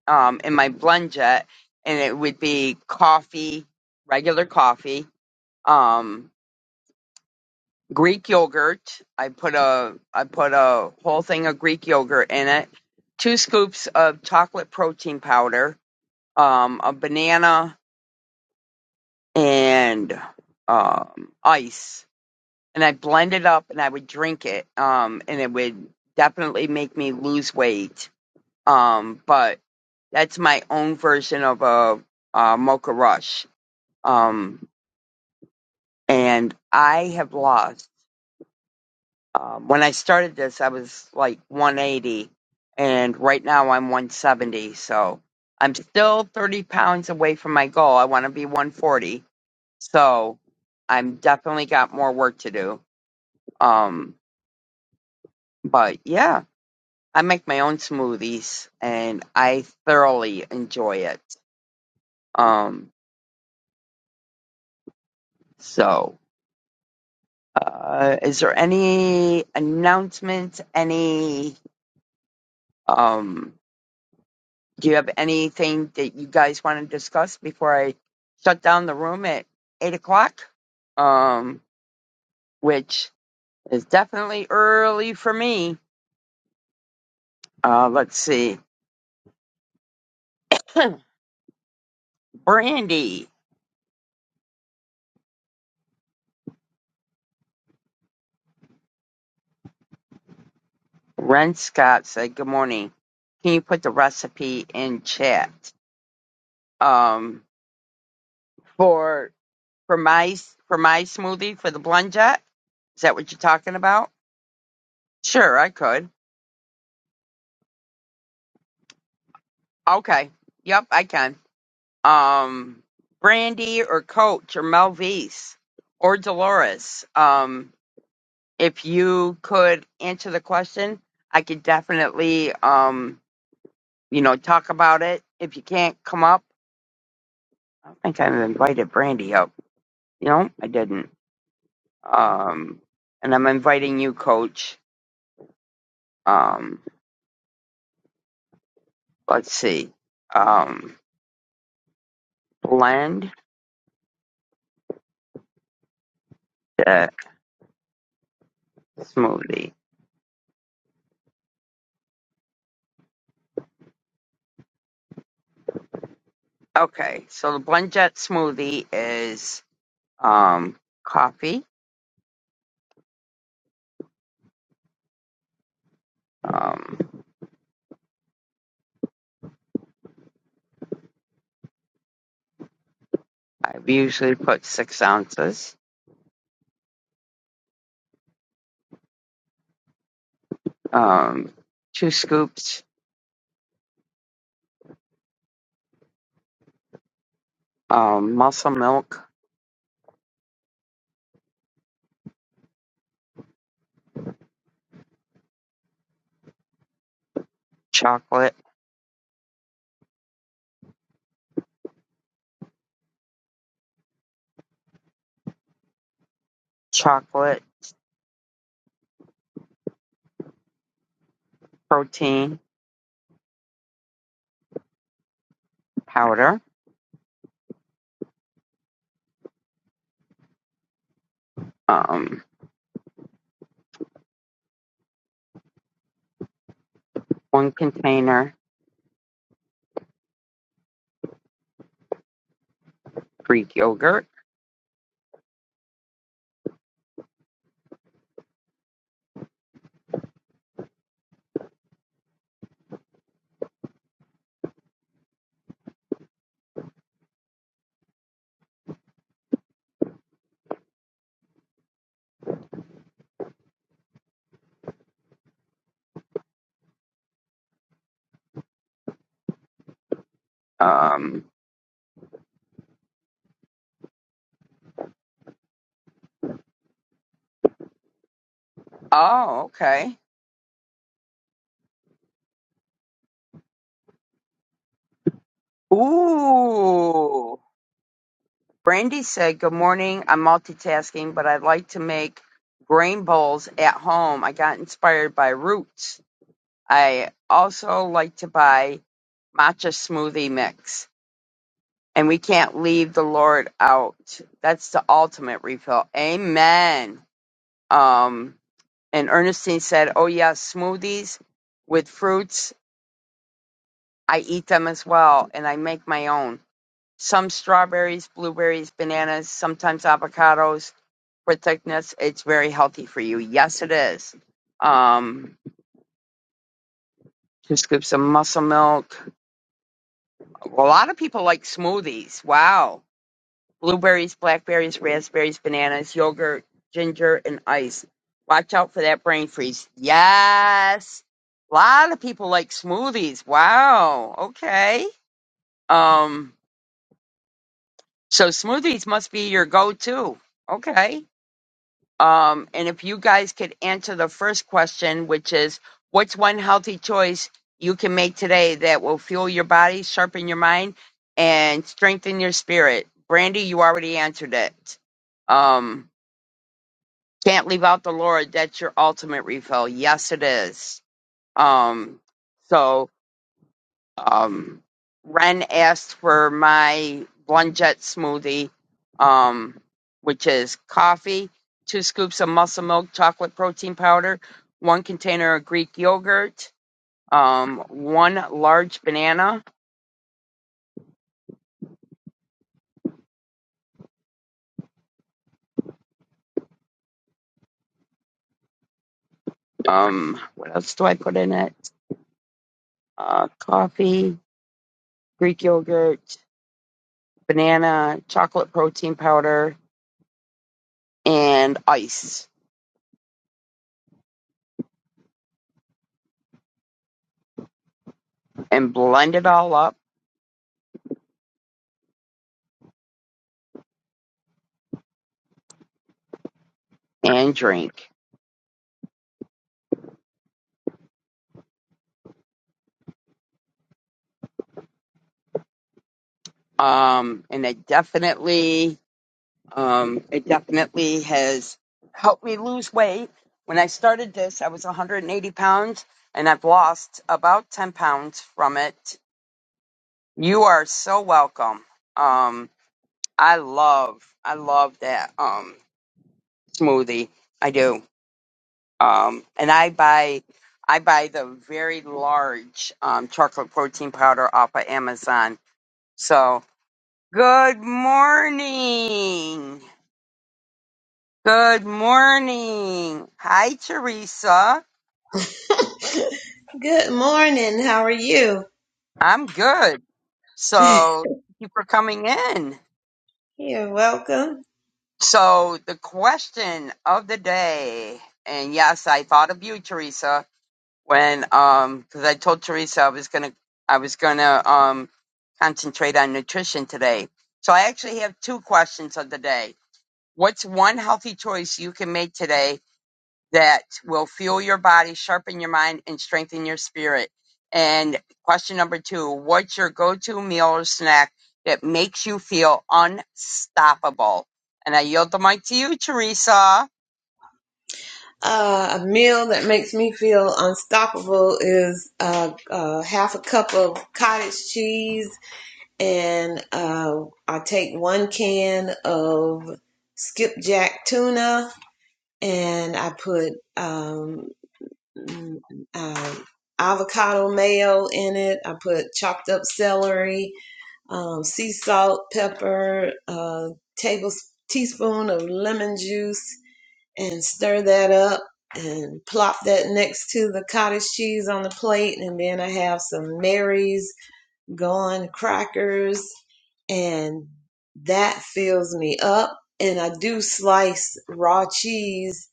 Speaker 1: um, in my blend jet, and it would be coffee, regular coffee, um, Greek yogurt. I put a I put a whole thing of Greek yogurt in it, two scoops of chocolate protein powder, um, a banana, and um, ice. And I blend it up, and I would drink it, um, and it would definitely make me lose weight. Um, but that's my own version of a, uh mocha rush Um, and I have lost. Um, when I started this, I was like 180, and right now I'm 170. So I'm still 30 pounds away from my goal. I want to be 140. So I'm definitely got more work to do. Um, but yeah, I make my own smoothies, and I thoroughly enjoy it. Um, so. Uh, is there any announcements? Any um, Do you have anything that you guys want to discuss before I shut down the room at eight o'clock? Um, which is definitely early for me. Uh, let's see. Brandy Ren Scott said, "Good morning. Can you put the recipe in chat? Um, for for my for my smoothie for the blend jet? Is that what you're talking about? Sure, I could. Okay. Yep, I can. um, Brandy or Coach or Melvise or Dolores, um, if you could answer the question, I could definitely, um, you know, talk about it. If you can't come up, I don't think I've invited Brandy up. You know, I didn't. Um, and I'm inviting you, Coach. Um, let's see. Um, blend jet smoothie. Okay, so the blend jet smoothie is um, coffee Um, I usually put six ounces, um, two scoops, um, muscle milk, chocolate, chocolate protein powder, um, one container Greek yogurt. Um, oh, okay. Ooh. Brandy said, Good morning. I'm multitasking, but I'd like to make grain bowls at home. I got inspired by roots. I also like to buy matcha smoothie mix. And we can't leave the Lord out. That's the ultimate refill. Amen. Um, and Ernestine said, Oh, yes, smoothies with fruits. I eat them as well, and I make my own. Some strawberries, blueberries, bananas, sometimes avocados for thickness. It's very healthy for you. Yes, it is. Um, two scoops of muscle milk. A lot of people like smoothies. Wow blueberries, blackberries, raspberries, bananas, yogurt, ginger, and ice. Watch out for that brain freeze. Yes. A lot of people like smoothies. Wow. Okay. Um, so smoothies must be your go-to. Okay. Um, and if you guys could answer the first question, which is what's one healthy choice you can make today that will fuel your body, sharpen your mind, and strengthen your spirit? Brandy, you already answered it. Um, Can't leave out the Lord. That's your ultimate refill. Yes, it is. Um, so, um, Ren asked for my Blend Jet smoothie, um, which is coffee, two scoops of muscle milk chocolate protein powder, one container of Greek yogurt, um, one large banana. Um, what else do I put in it? Uh, coffee, Greek yogurt, banana, chocolate protein powder, and ice. and blend it all up and drink. Um, and it definitely, um, it definitely has helped me lose weight. When I started this, I was 180 pounds and I've lost about 10 pounds from it. You are so welcome. Um, I love, I love that, um, smoothie. I do. Um, and I buy, I buy the very large, um, chocolate protein powder off of Amazon. So, Good morning. Good morning. Hi, Teresa.
Speaker 6: Good morning. How are you?
Speaker 1: I'm good. So, thank you for coming in.
Speaker 6: You're welcome.
Speaker 1: So, the question of the day, and yes, I thought of you, Teresa, when um, because I told Teresa I was gonna, I was gonna um concentrate on nutrition today. So, I actually have two questions of the day. What's one healthy choice you can make today that will fuel your body, sharpen your mind, and strengthen your spirit. And question number two What's your go to meal or snack that makes you feel unstoppable? And I yield the mic to you, Teresa.
Speaker 6: Uh, a meal that makes me feel unstoppable is uh, uh, half a cup of cottage cheese, and uh, I take one can of skipjack tuna, and I put um, mm, uh, avocado mayo in it. I put chopped up celery, um, sea salt, pepper, a table teaspoon of lemon juice, and stir that up and plop that next to the cottage cheese on the plate. And then I have some Mary's gone crackers, and that fills me up. And I do slice raw cheese,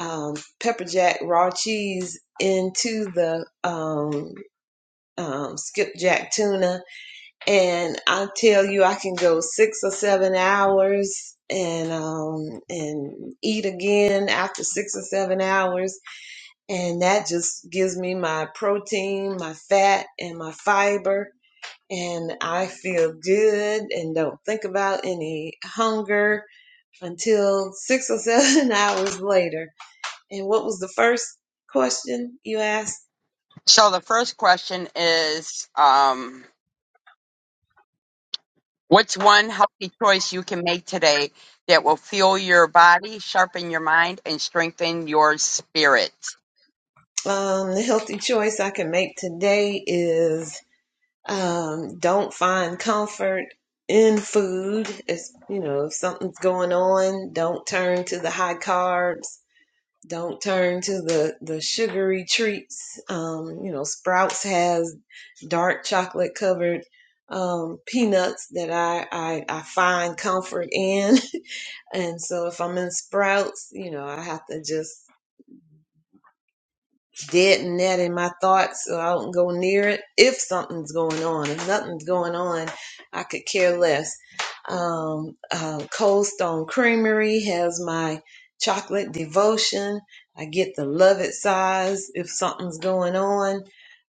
Speaker 6: um, pepper jack raw cheese into the um, um, skipjack tuna and I tell you, I can go six or seven hours and um and eat again after six or seven hours, and that just gives me my protein, my fat, and my fiber, and I feel good and don't think about any hunger until six or seven hours later. And what was the first question you asked?
Speaker 1: So the first question is um, What's one healthy choice you can make today that will fuel your body, sharpen your mind, and strengthen your spirit?
Speaker 6: Um, the healthy choice I can make today is um, don't find comfort in food. If you know if something's going on, don't turn to the high carbs. Don't turn to the the sugary treats. Um, you know, Sprouts has dark chocolate covered um, peanuts that I, I I find comfort in, and so if I'm in Sprouts, you know, I have to just dead and net in my thoughts so I don't go near it. If something's going on, if nothing's going on, I could care less. Um, uh, Cold Stone Creamery has my chocolate devotion. I get the love it size if something's going on.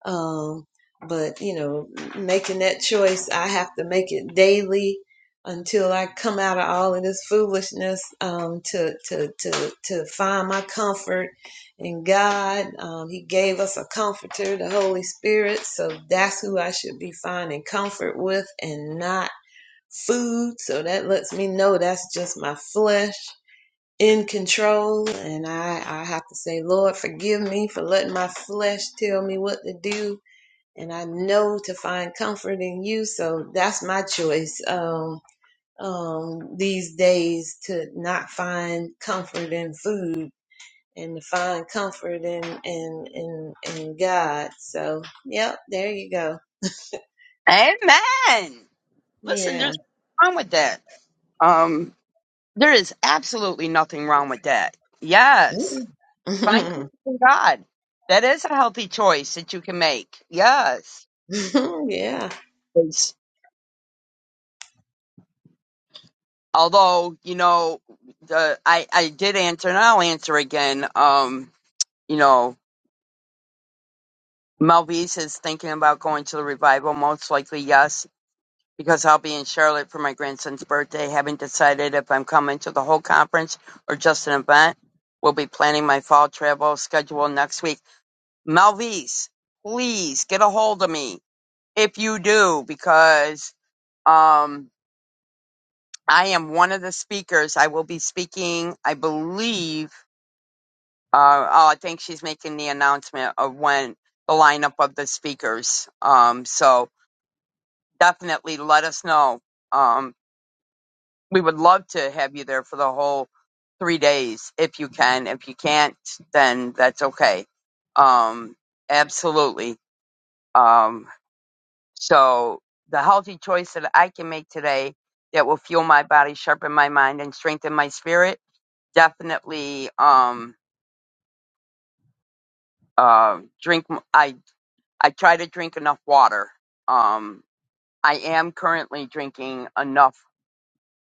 Speaker 6: Um, but, you know, making that choice, I have to make it daily until I come out of all of this foolishness um, to, to, to, to find my comfort and God, um, He gave us a comforter, the Holy Spirit. So that's who I should be finding comfort with and not food. So that lets me know that's just my flesh in control. And I, I have to say, Lord, forgive me for letting my flesh tell me what to do. And I know to find comfort in you. So that's my choice. Um, um, these days to not find comfort in food and to find comfort in in in in God. So, yep, there you go.
Speaker 1: Amen. Listen, there's
Speaker 6: Yeah.
Speaker 1: nothing wrong with that. Um, There is absolutely nothing wrong with that. Yes. Find comfort
Speaker 6: Mm.
Speaker 1: in God. That is a healthy choice that you can make. Yes.
Speaker 6: yeah.
Speaker 1: It's- although, you know, the I, I did answer and I'll answer again. Um, you know, Melvise is thinking about going to the revival, most likely yes, because I'll be in Charlotte for my grandson's birthday. Haven't decided if I'm coming to the whole conference or just an event. We'll be planning my fall travel schedule next week. Malvise, please get a hold of me if you do, because um, I am one of the speakers. I will be speaking, I believe, uh, oh, I think she's making the announcement of when the lineup of the speakers. Um, so definitely let us know. Um, we would love to have you there for the whole three days if you can. If you can't, then that's okay. Um, absolutely. Um, So the healthy choice that I can make today that will fuel my body, sharpen my mind, and strengthen my spirit. Definitely, um, uh, drink. m- I I try to drink enough water. Um, I am currently drinking enough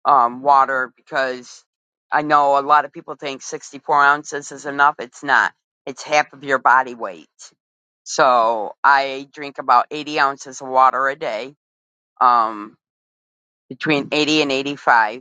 Speaker 1: um, water because I know a lot of people think 64 ounces is enough. It's not. It's half of your body weight. So I drink about 80 ounces of water a day. Um, between 80 and 85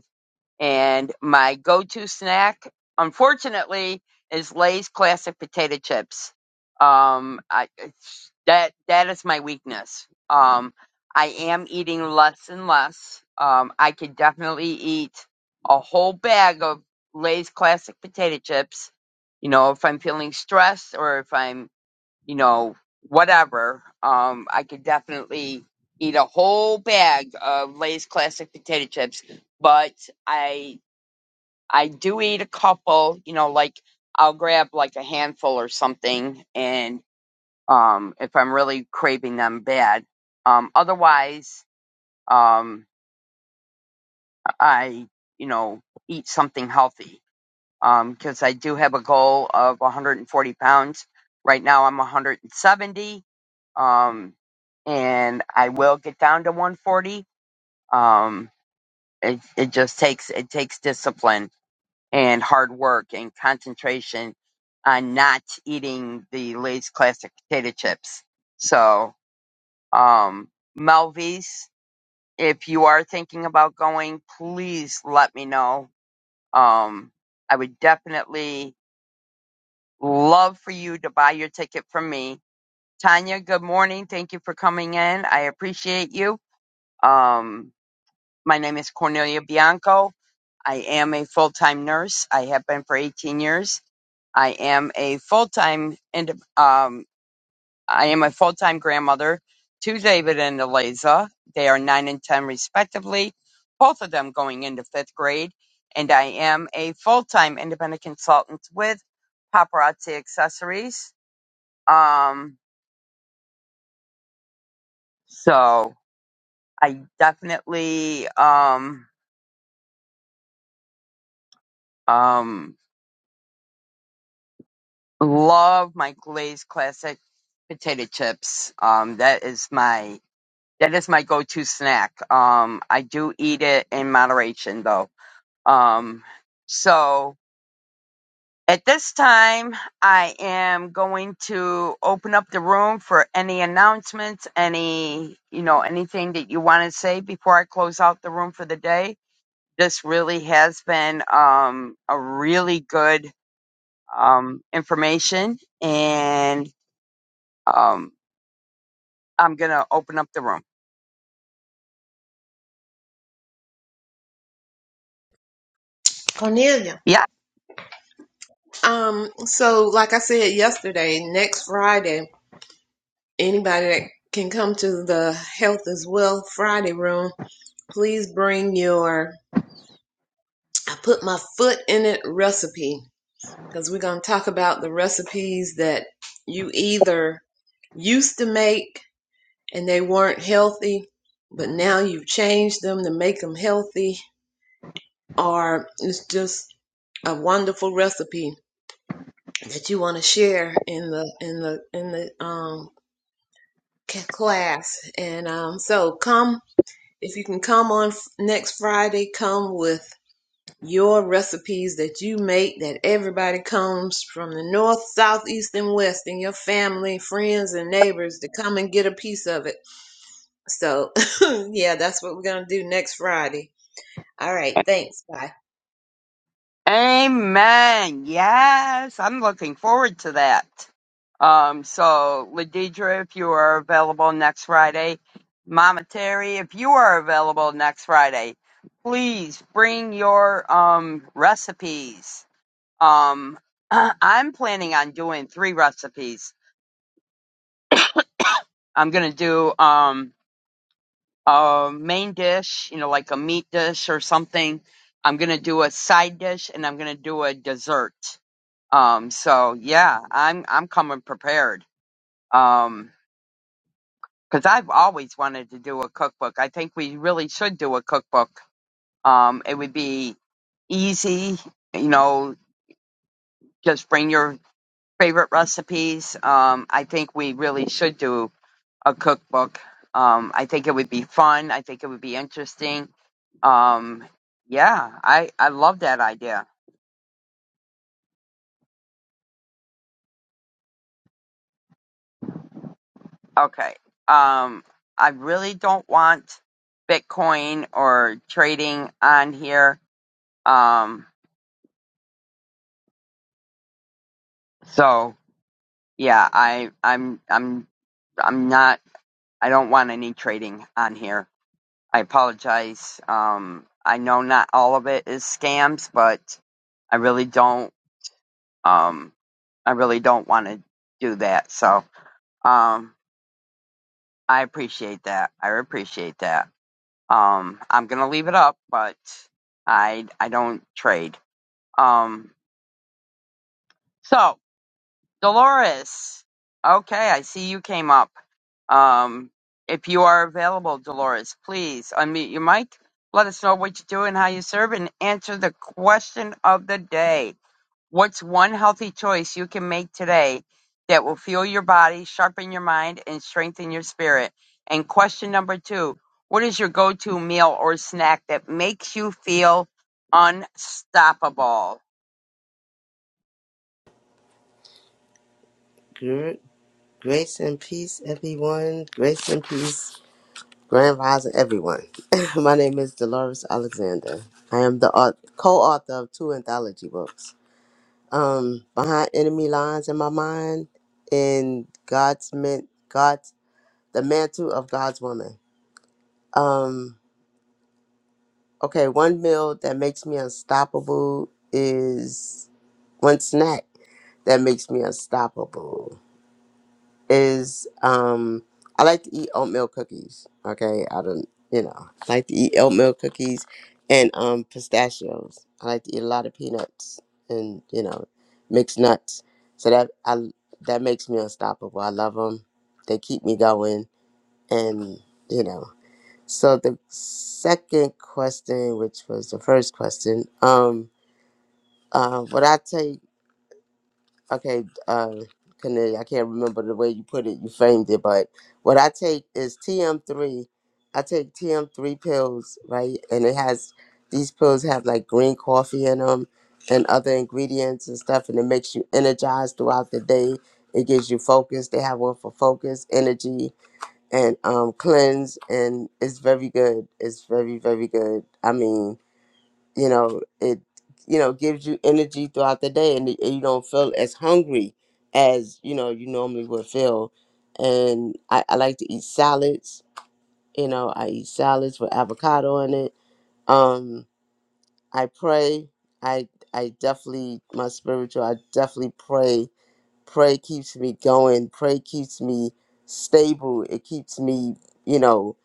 Speaker 1: And my go-to snack, unfortunately, is Lay's classic potato chips. Um, I it's- that that is my weakness. Um, I am eating less and less. Um, I could definitely eat a whole bag of Lay's classic potato chips. You know, if I'm feeling stressed or if I'm, you know, whatever, um, I could definitely eat a whole bag of Lay's classic potato chips. But I I do eat a couple, you know, like I'll grab like a handful or something and um if I'm really craving them bad. Um otherwise, um I, you know, eat something healthy. Um because I do have a goal of 140 pounds. Right now I'm 170. Um and I will get down to 140. Um it it just takes it takes discipline and hard work and concentration on not eating the Lay's classic potato chips. So, um, Melvies, if you are thinking about going, please let me know. Um, I would definitely love for you to buy your ticket from me. Tanya, good morning. Thank you for coming in. I appreciate you. Um, my name is Cornelia Bianco. I am a full time nurse. I have been for 18 years I am a full-time and um, I am a full-time grandmother to David and Eliza. They are nine and ten respectively, both of them going into fifth grade. And I am a full-time independent consultant with Paparazzi Accessories. Um, so I definitely um, um, love my glazed classic potato chips. Um, that is my That is my go-to snack. Um, I do eat it in moderation though. Um, so at this time, I am going to open up the room for any announcements, any, you know, anything that you want to say before I close out the room for the day. This really has been, um, a really good, um, information and, um, I'm going to open up the room.
Speaker 6: Cornelia.
Speaker 1: Yep.
Speaker 6: Um so like I said yesterday, next Friday, anybody that can come to the Health is Well Friday room, please bring your I put my foot in it recipe because we're going to talk about the recipes that you either used to make and they weren't healthy, but now you've changed them to make them healthy, or it's just a wonderful recipe that you want to share in the in the in the um class and um so come if you can come on f- next Friday come with your recipes that you make that everybody comes from the north south east and west and your family friends and neighbors to come and get a piece of it So, yeah, that's what we're going to do next Friday. All right. Thanks. Bye.
Speaker 1: Amen. Yes, I'm looking forward to that. Um, so, Ladidra, if you are available next Friday, Mama Terry, if you are available next Friday, please bring your um, recipes. Um, I'm planning on doing three recipes. I'm gonna do um, a main dish, you know, like a meat dish or something. I'm gonna do a side dish, and I'm gonna do a dessert Um, so yeah, I'm I'm coming prepared. Um, because I've always wanted to do a cookbook. I think we really should do a cookbook. Um, it would be easy, you know, just bring your favorite recipes. Um, I think we really should do a cookbook. Um, I think it would be fun. I think it would be interesting. Um, yeah, I I love that idea. Okay. Um, I really don't want Bitcoin or trading on here. Um, so yeah, I, I'm, I'm, I'm not. I don't want any trading on here. I apologize. Um, I know not all of it is scams, but I really don't. Um, I really don't want to do that. So, um, I appreciate that. I appreciate that. Um, I'm gonna leave it up, but I I don't trade. Um, so Dolores, okay, I see you came up. Um, if you are available, Dolores, please unmute your mic. Let us know what you do and how you serve, and answer the question of the day. What's one healthy choice you can make today that will fuel your body, sharpen your mind, and strengthen your spirit? And question number two What is your go to meal or snack that makes you feel unstoppable?
Speaker 7: Gr- Grace and peace, everyone. Grace and peace, Grand Rising, everyone. My name is Dolores Alexander. I am the au- co-author of two anthology books, um, Behind Enemy Lines in My Mind and God's Meant God's The Mantle of God's Woman. Um, okay, one meal that makes me unstoppable is one snack that makes me unstoppable. is um I like to eat oatmeal cookies. Okay, I don't you know I like to eat oatmeal cookies and um pistachios. I like to eat a lot of peanuts and you know mixed nuts. So that I that makes me unstoppable. I love them. They keep me going and you know. So the second question, which was the first question, um, uh, what I take okay, uh, Kennedy, I can't remember the way you put it, you framed it, but what I take is TM3. I take TM3 pills, right? And it has, these pills have like green coffee in them and other ingredients and stuff, and it makes you energized throughout the day. It gives you focus. They have one for focus, energy, and um, cleanse, and it's very good. It's very, very good. I mean, you know it you know gives you energy throughout the day and, and you don't feel as hungry as you know you normally would feel and I, I like to eat salads you know i eat salads with avocado in it um i pray i i definitely my spiritual i definitely pray pray keeps me going pray keeps me stable it keeps me you know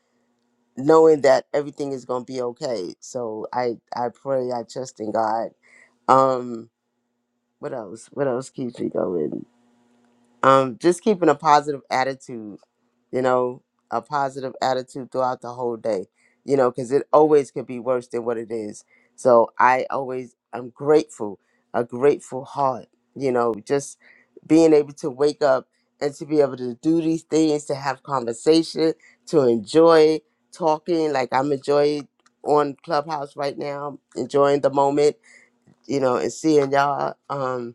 Speaker 7: knowing that everything is going to be okay so i i pray i trust in god um, what else? What else keeps me going? Um, just keeping a positive attitude, you know, a positive attitude throughout the whole day, you know, because it always could be worse than what it is. So I always, I'm grateful, a grateful heart, you know, just being able to wake up and to be able to do these things, to have conversation, to enjoy talking. Like I'm enjoying on Clubhouse right now, enjoying the moment, you know, and seeing y'all. Um,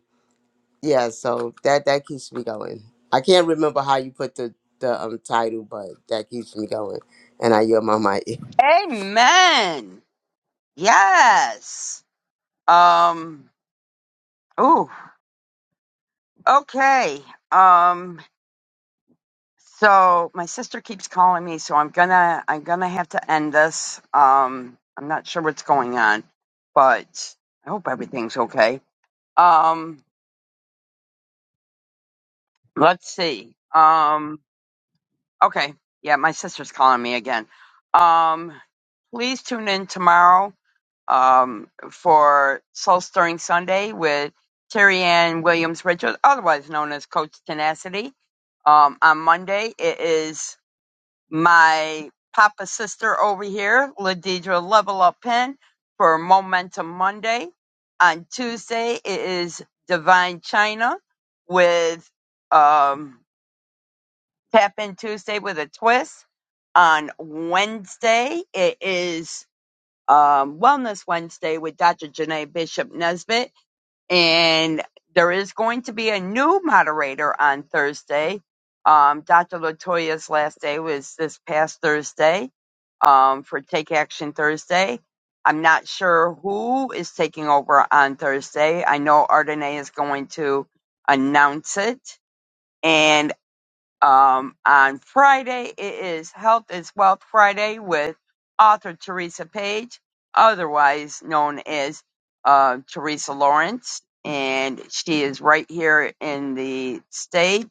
Speaker 7: yeah, so that that keeps me going. I can't remember how you put the the um title, but that keeps me going. And I yell my mic.
Speaker 1: Amen. Yes. Um, ooh, okay. Um, So my sister keeps calling me, so I'm gonna I'm gonna have to end this. Um, I'm not sure what's going on, but I hope everything's okay. Um, let's see. Um, okay, yeah, my sister's calling me again. Um, please tune in tomorrow um, for Soul Stirring Sunday with Terry Ann Williams Richard, otherwise known as Coach Tenacity. Um, on Monday, it is. my papa sister over here, Ladidra Level Up Pen, for Momentum Monday. On Tuesday, it is Divine China with um, Tap In Tuesday with a twist. On Wednesday, it is um, Wellness Wednesday with Dr. Janae Bishop Nesbitt and there is going to be a new moderator on Thursday. Um, Dr. Latoya's last day was this past Thursday um, for Take Action Thursday. I'm not sure who is taking over on Thursday. I know Ardenae is going to announce it, and. Um, on Friday, it is Health is Wealth Friday with author Teresa Page, otherwise known as uh, Teresa Lawrence, and she is right here in the state.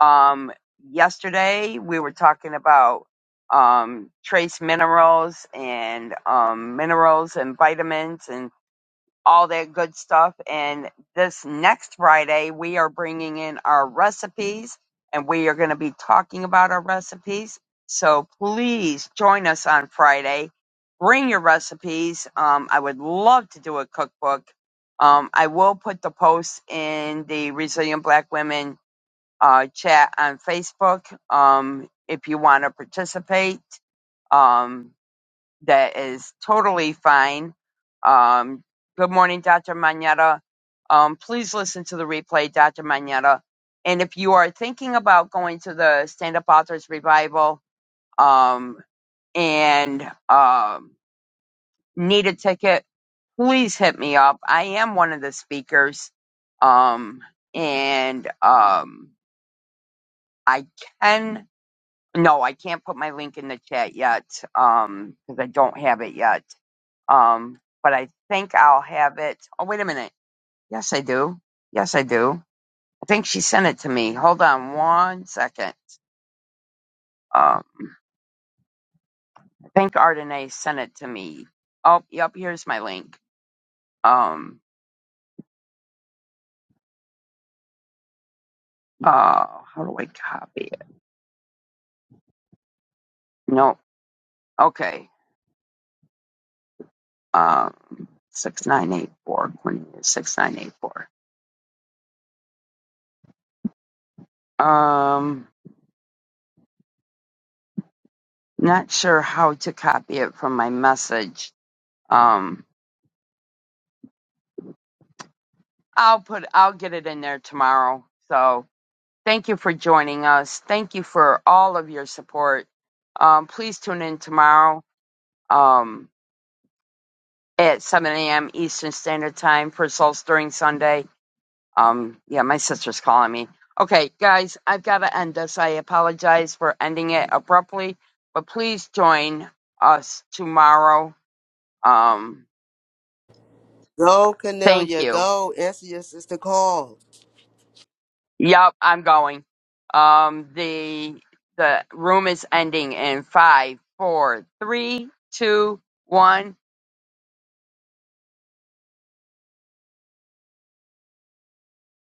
Speaker 1: Um, yesterday, we were talking about um, trace minerals and um, minerals and vitamins and all that good stuff. And this next Friday, we are bringing in our recipes and we are going to be talking about our recipes. So please join us on Friday. Bring your recipes. Um, I would love to do a cookbook. Um, I will put the post in the Resilient Black Women uh, chat on Facebook um, if you want to participate. Um, that is totally fine. Um, good morning, Dr. Manetta. Um, please listen to the replay, Dr. Manetta. And if you are thinking about going to the Stand Up Authors Revival um, and um, need a ticket, please hit me up. I am one of the speakers. Um, and um, I can. No, I can't put my link in the chat yet um, because I don't have it yet. Um, but I think I'll have it. Oh, wait a minute. Yes, I do. Yes, I do. I think she sent it to me. Hold on one second. Um, I think Ardenae sent it to me. Oh, yep. Here's my link. Um, uh, how do I copy it? No. Okay. Um, six nine eight four. Six nine eight four. Um. Not sure how to copy it from my message. Um, I'll put, I'll get it in there tomorrow. So thank you for joining us. Thank you for all of your support. Um, please tune in tomorrow um, at 7 a.m. Eastern Standard Time for Soul Stirring Sunday. Um, yeah, my sister's calling me. Okay, guys, I've got to end this. I apologize for ending it abruptly, but please join us tomorrow. Um,
Speaker 7: Go,
Speaker 1: thank
Speaker 7: Cornelia,
Speaker 1: you.
Speaker 7: go. Answer your sister call.
Speaker 1: Yep, I'm going. Um, the the room is ending in five, four, three, two, one.